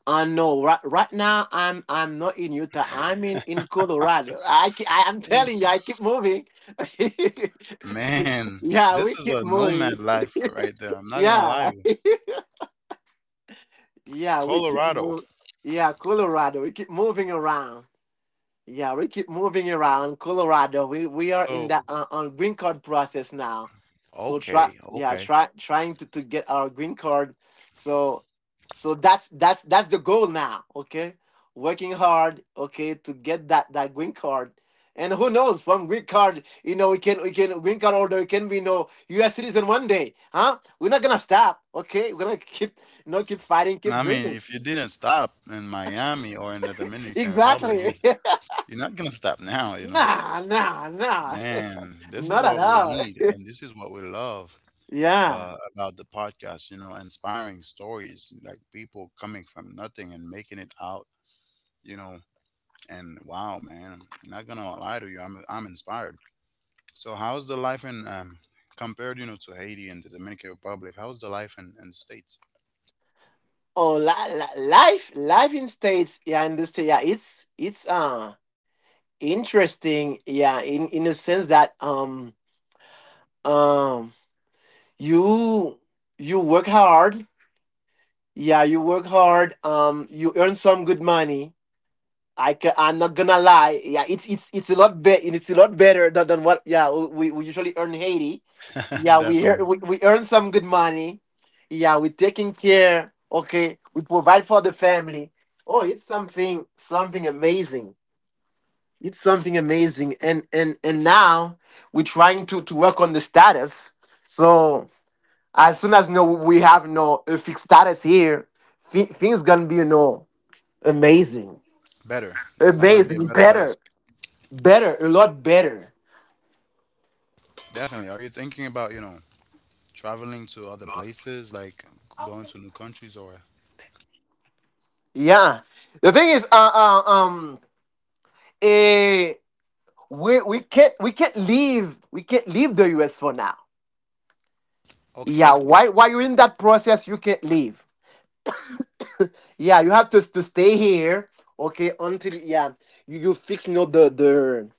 B: I know, right now I'm not in Utah. I'm in Colorado. I am
A: live?
B: telling you, I keep moving.
A: Man,
B: Yeah,
A: this
B: we
A: is
B: keep
A: a nomad
B: moving.
A: life right there. I'm not gonna lie to
B: Yeah,
A: you.
B: yeah, we keep
A: Colorado.
B: moving. Yeah, Colorado. We keep moving around. Yeah, we keep moving around Colorado. We are in
A: So
B: that, on green card process now. So try
A: okay,
B: yeah,
A: okay.
B: try trying to get our green card. So so that's the goal now, okay? Working hard, okay, to get that green card. And who knows, from green card, we can green card holder, we can be no US citizen one day, huh? We're not gonna stop, okay? We're gonna keep, keep fighting, keep
A: I mean,
B: dreaming.
A: if you didn't stop in Miami or in the Dominican Republic,
B: Exactly.
A: you're not gonna stop now, you know.
B: Nah, nah, nah.
A: Man, this is
B: Not at
A: what we
B: all.
A: need, and this is what we love,
B: Yeah.
A: about the podcast. You know, inspiring stories, like people coming from nothing and making it out. You know. And wow, man, I'm not gonna lie to you, I'm inspired. So how's the life in compared, you know, to Haiti and the Dominican Republic? How's the life in the States?
B: Oh, life in states. Yeah, in this. Yeah, it's interesting. Yeah, in the sense that, um you you work hard. Yeah, you work hard. You earn some good money. I can, I'm not gonna lie. Yeah, it's a lot better. It's a lot better than what, yeah, we usually earn in Haiti. Yeah, we,
A: Definitely
B: ear- we we earn some good money. Yeah, we're taking care. Okay, we provide for the family. Oh, it's something amazing. It's something amazing. And now we're trying to work on the status. So as soon as no we have no a fixed status here, things gonna be, amazing,
A: better. Gonna be a
B: amazing,
A: better place.
B: better, a lot better.
A: Definitely. Are you thinking about, you know, traveling to other places, like going to new countries, or?
B: Yeah. The thing is, uh um, eh, we can't leave the U.S. for now.
A: Okay.
B: Yeah. Why While you're in that process, you can't leave. Yeah. You have to stay here. Okay. Until, yeah, you fix, the the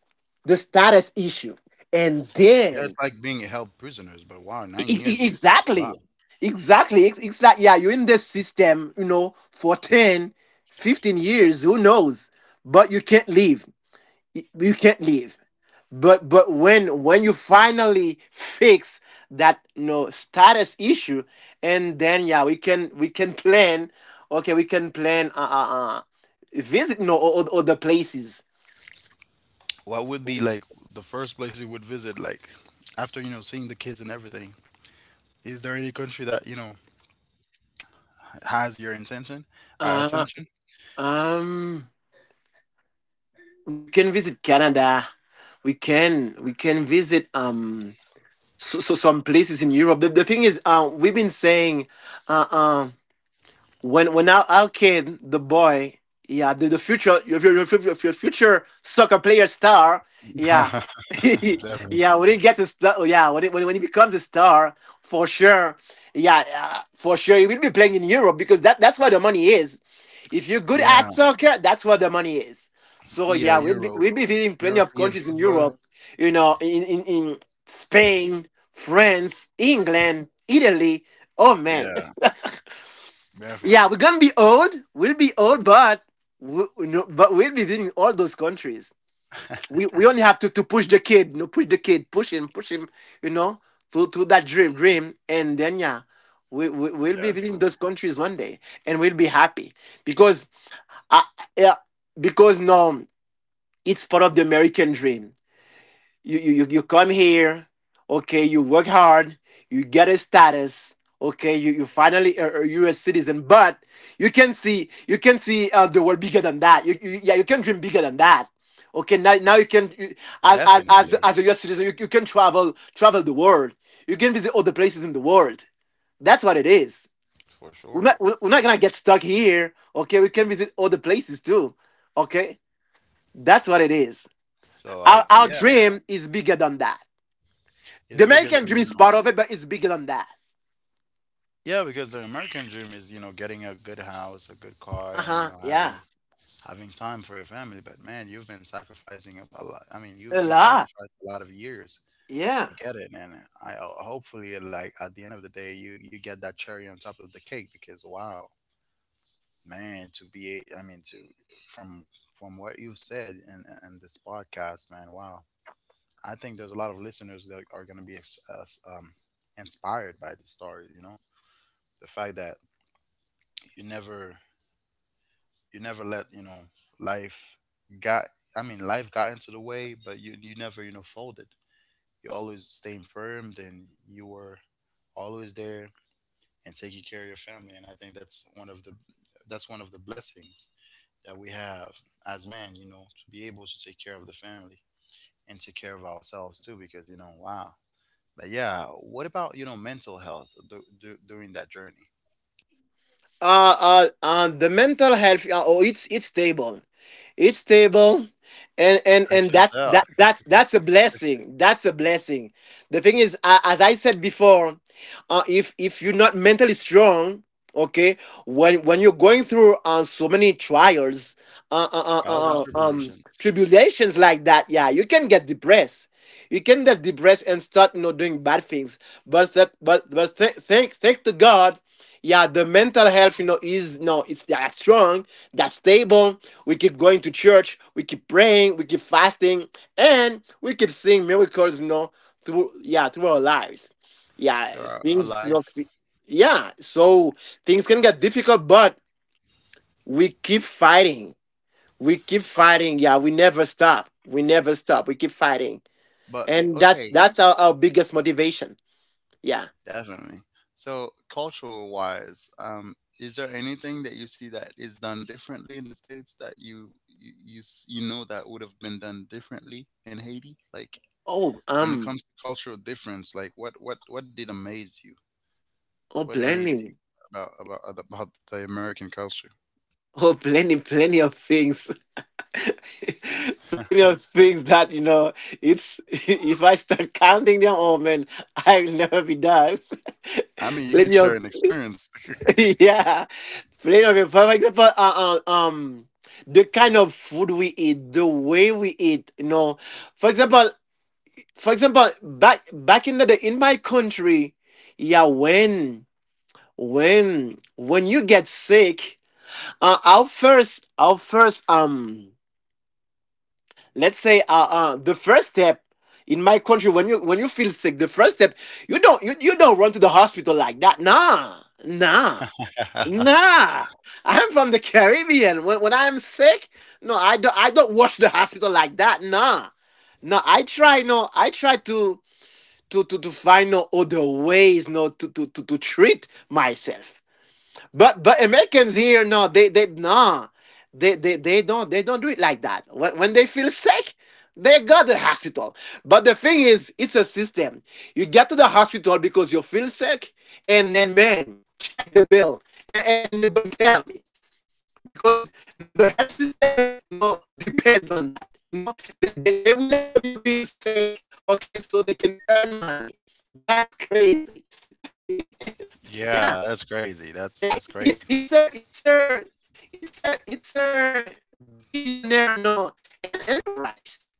B: the status issue, and
A: Yeah, it's
B: then,
A: like being held prisoners, but wow, nine years is a
B: exactly.
A: lot.
B: Exactly, exactly. Yeah, you're in this system, for 10, 15 years, who knows? But you can't leave. You can't leave. But when you finally fix that, status issue, and then, yeah, we can plan. Okay, we can plan. Visit no other places.
A: What would be like the first place you would visit, like after, you know, seeing the kids and everything? Is there any country that, you know, has your intention,
B: Uh
A: attention.
B: um. We can visit Canada. We can visit, so some places in Europe. The thing is, we've been saying, uh um. When our kid, the boy, yeah, the future, your future soccer player star, yeah,
A: Definitely.
B: yeah, when he gets a star, yeah, when he becomes a star, for sure, yeah, for sure, he will be playing in Europe because that's where the money is. If you're good at
A: Yeah,
B: soccer, that's where the money is. So
A: yeah,
B: yeah, we'll be
A: Europe,
B: we'll be visiting plenty of
A: European
B: countries in
A: football.
B: Europe, you know, in Spain, France, England, Italy. Oh man.
A: Yeah,
B: Yeah,
A: definitely,
B: we're gonna be old. We'll be old, but, we, no, but we'll be visiting all those countries. We only have to push the kid, you know, push the kid, push him, you know, to that dream, dream, and then, yeah, we'll be visiting
A: definitely,
B: those countries one day, and we'll be happy because, uh, yeah, because now it's part of the American dream. You come here, okay, you work hard, you get a status, okay, you're a citizen, but you can see, the world bigger than that. You you can dream bigger than that. Okay, now you can, as, as as
A: definitely,
B: as a U S citizen, you can travel the world. You can visit other places in the world. That's what it is.
A: for
B: we're
A: sure.
B: not we're we're not gonna get stuck here, okay? We can visit other places too. Okay, that's what it is.
A: So
B: our,
A: I,
B: our
A: yeah,
B: dream is bigger than that. The
A: it's bigger
B: American
A: than
B: dream
A: you
B: is
A: know.
B: part of it, but it's bigger than that.
A: Yeah, because the American dream is, you know, getting a good house, a good car,
B: Uh
A: and you
B: huh.
A: know
B: Yeah.
A: having time for your family. But man, you've been sacrificing a lot. I mean, you
B: A
A: you
B: lot.
A: sacrificed a lot of years
B: Yeah.
A: to get it. And hopefully, like, at the end of the day, you get that cherry on top of the cake, because wow, man, to be a- I mean to from from what you've said in this podcast, man, wow, I think there's a lot of listeners that are going to be inspired by this story, you know, the fact that you never, you never let, you know, life got I mean life got into the way, but you never, you know, folded. You always stayed firm, and you were always there and taking care of your family. And I think that's one of the, that's one of the blessings that we have as men, you know, to be able to take care of the family and take care of ourselves too, because you know, wow. But yeah, what about, you know, mental health during that journey?
B: The mental health, oh, it's stable. and and
A: I
B: and
A: can
B: that's
A: tell.
B: that that's that's a blessing, that's a blessing. The thing is, as I said before, if you're not mentally strong, okay, when you're going through, so many trials, uh, uh, uh,
A: Trials and
B: uh, uh, um
A: tribulations
B: tribulations like that, yeah, you can get depressed. You can get depressed and start, doing bad things. But, that but th- thank to God. Yeah, the mental health, is no, it's that strong, that stable. We keep going to church, we keep praying, we keep fasting, and we keep seeing miracles, you know, through, yeah, through our lives. Yeah,
A: throughout our
B: things,
A: life.
B: so, things can get difficult, but we keep fighting, we keep
A: But
B: fighting. Yeah, we never stop, we never stop, we keep fighting.
A: but
B: And that's
A: Okay.
B: that's our biggest motivation. Yeah.
A: Definitely. So, cultural wise, is there anything that you see that is done differently in the States that you you know that would have been done differently in Haiti? Like,
B: Oh,
A: when it comes to cultural difference, like, what did amaze you?
B: oh,
A: What amazed you
B: plenty.
A: about the American culture?
B: Oh, plenty, plenty of things. Plenty of things that, you know. It's, if I start counting them, oh man, I'll never be done.
A: I mean, you could
B: Plenty
A: share
B: of,
A: an experience.
B: yeah. But, you For example, the kind of food we eat, the way we eat, you know, for example, for example, back in the day in my country, yeah, when you get sick, our first, let's say, the first step. In my country, when you feel sick, the first step, you don't run to the hospital like that. Nah, nah, nah, I'm from the Caribbean. When I'm sick, no, I don't wash the hospital like that. Nah. No, I try to find no other ways, no, to treat myself. But Americans here, no, they no, they don't do it like that. When they feel sick, they go to the hospital. But the thing is, it's a system. You get to the hospital because you feel sick, and then, man, check the bill, and then you're gonna tell me, because now the health system no depends on that. You know, they rely on you being sick, okay, so they can earn money. That's crazy.
A: Yeah,
B: Yeah.
A: that's crazy.
B: Yeah,
A: That's crazy.
B: it's a it's a it's a it's a billionaire, no, enterprise.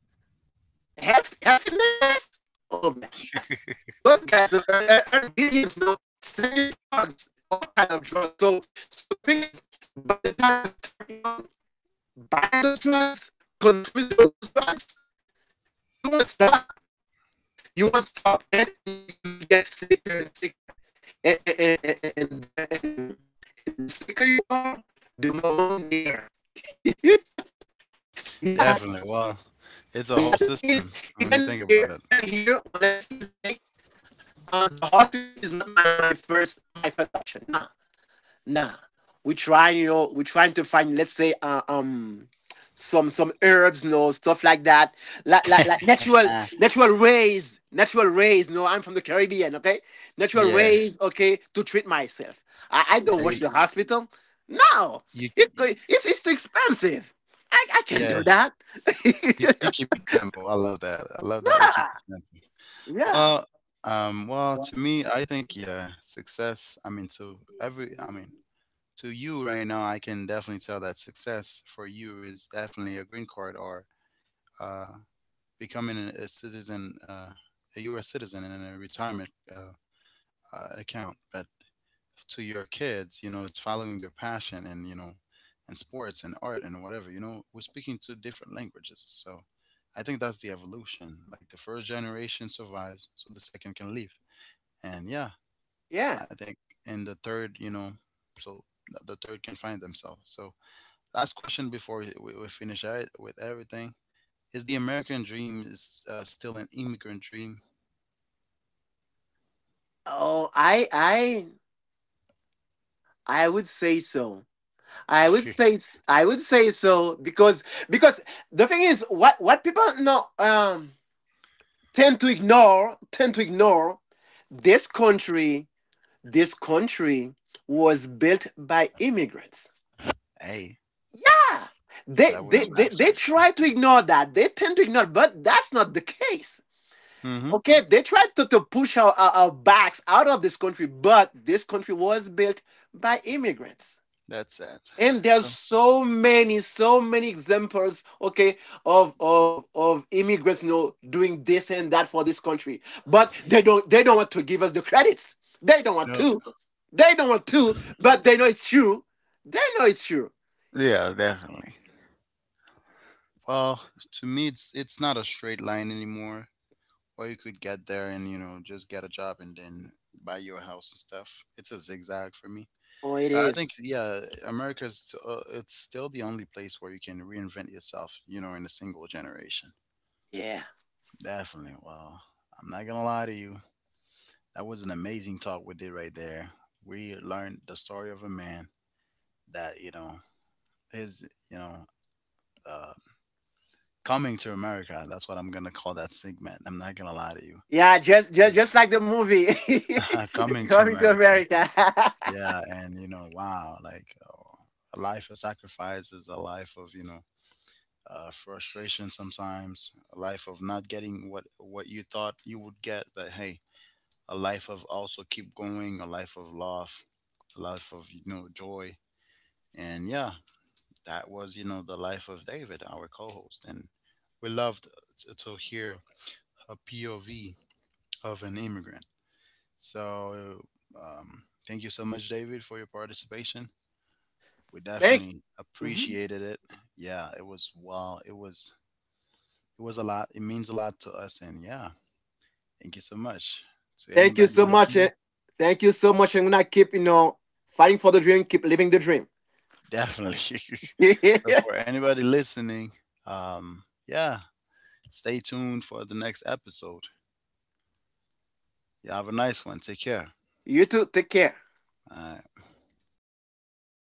B: Health in the U.S. Oh man, that's, those guys no earn billions, no, selling you drugs, all kind of drugs. So the thing is, by the time you start, buying those drugs, consuming those drugs, you won't stop, you won't stop, and you will get sicker and sicker, and and and and and, and the sicker you are, the more money they earn. Yeah,
A: Definitely.
B: it's,
A: Well, it's a
B: yeah.
A: whole
B: The thing is,
A: system when you think about
B: even here, when I feel sick, the hospital is not my first option. Nah. Nah, we try, you know, we trying to find, let's say, some herbs, no, stuff like that, like, like
A: it.
B: like natural natural ways, natural ways. No, I'm from the Caribbean, okay? Natural
A: Yeah.
B: ways, okay, to treat myself. I
A: Yeah,
B: don't watch
A: you,
B: the hospital. No,
A: you
B: it's too expensive. I can't
A: Yeah,
B: do that.
A: you keep it simple. I love that. I love that you keep
B: Yeah,
A: it simple.
B: yeah,
A: Well, to me, I think yeah, success. I mean, to every, I mean, to you right now, I can definitely tell that success for you is definitely a green card, or uh, becoming a citizen, a U.S. citizen in a retirement account. But to your kids, you know, it's following their passion, and you know, and sports and art and whatever. You know, we're speaking two different languages. So I think that's the evolution, like the first generation survives so the second can leave. And yeah, I
B: yeah.
A: think in the third, you know, so the third can find themselves. So last question before we, we finish out with everything: is the American dream is still an immigrant dream?
B: Oh, I would say so. I would say, I would say so, because the thing is, what people no, tend to ignore, tend to ignore, this country, this country was built by immigrants.
A: Hey,
B: Yeah. They
A: that was
B: they, they
A: facts.
B: they try to ignore that. They tend to ignore, but that's not the case.
A: Mm-hmm.
B: Okay, they tried to push our backs out of this country, but this country was built by immigrants.
A: That's it.
B: And there's
A: So
B: so many, so many examples, okay, of immigrants, you know, doing this and that for this country, but they don't want to give us the credits, they don't want to,
A: no.
B: they don't want to, but they know it's true, they know it's true.
A: Yeah, definitely. Well, to me, it's not a straight line anymore. Or you could get there and you know just get a job and then buy your house and stuff. It's a zigzag for me.
B: Oh, it
A: But I think
B: is.
A: yeah, it's still the only place where you can reinvent yourself, you know, in a single generation.
B: Yeah,
A: Definitely. Well, I'm not gonna lie to you. That was an amazing talk we did right there. We learned the story of a man that, you know, his you know, uh, Coming to America, that's what I'm gonna call that segment. I'm not gonna lie to you.
B: yeah, just just,
A: It's
B: just like the movie.
A: Coming to
B: Coming to
A: America.
B: America.
A: Yeah, and you know, wow, like, a life of sacrifice is a life of, you know, frustration sometimes, a life of not getting what you thought you would get, but hey, a life of also keep going, a life of love, a life of, you know, joy. And yeah, that was, you know, the life of David, our co-host, and we loved to hear a POV of an immigrant. So, thank you so much, David, for your participation. We
B: Thanks.
A: definitely appreciated it. Yeah, it was wow. It was a lot. It means a lot to us, and yeah, thank you so much to
B: Thank you
A: anybody
B: so much. Eh.
A: listening.
B: Thank you so much. I'm gonna keep, you know, fighting for the dream, keep living the dream.
A: Definitely. So for anybody listening, um, yeah, stay tuned for the next episode. You have a nice one. Take care.
B: You too. Take care.
A: Uh,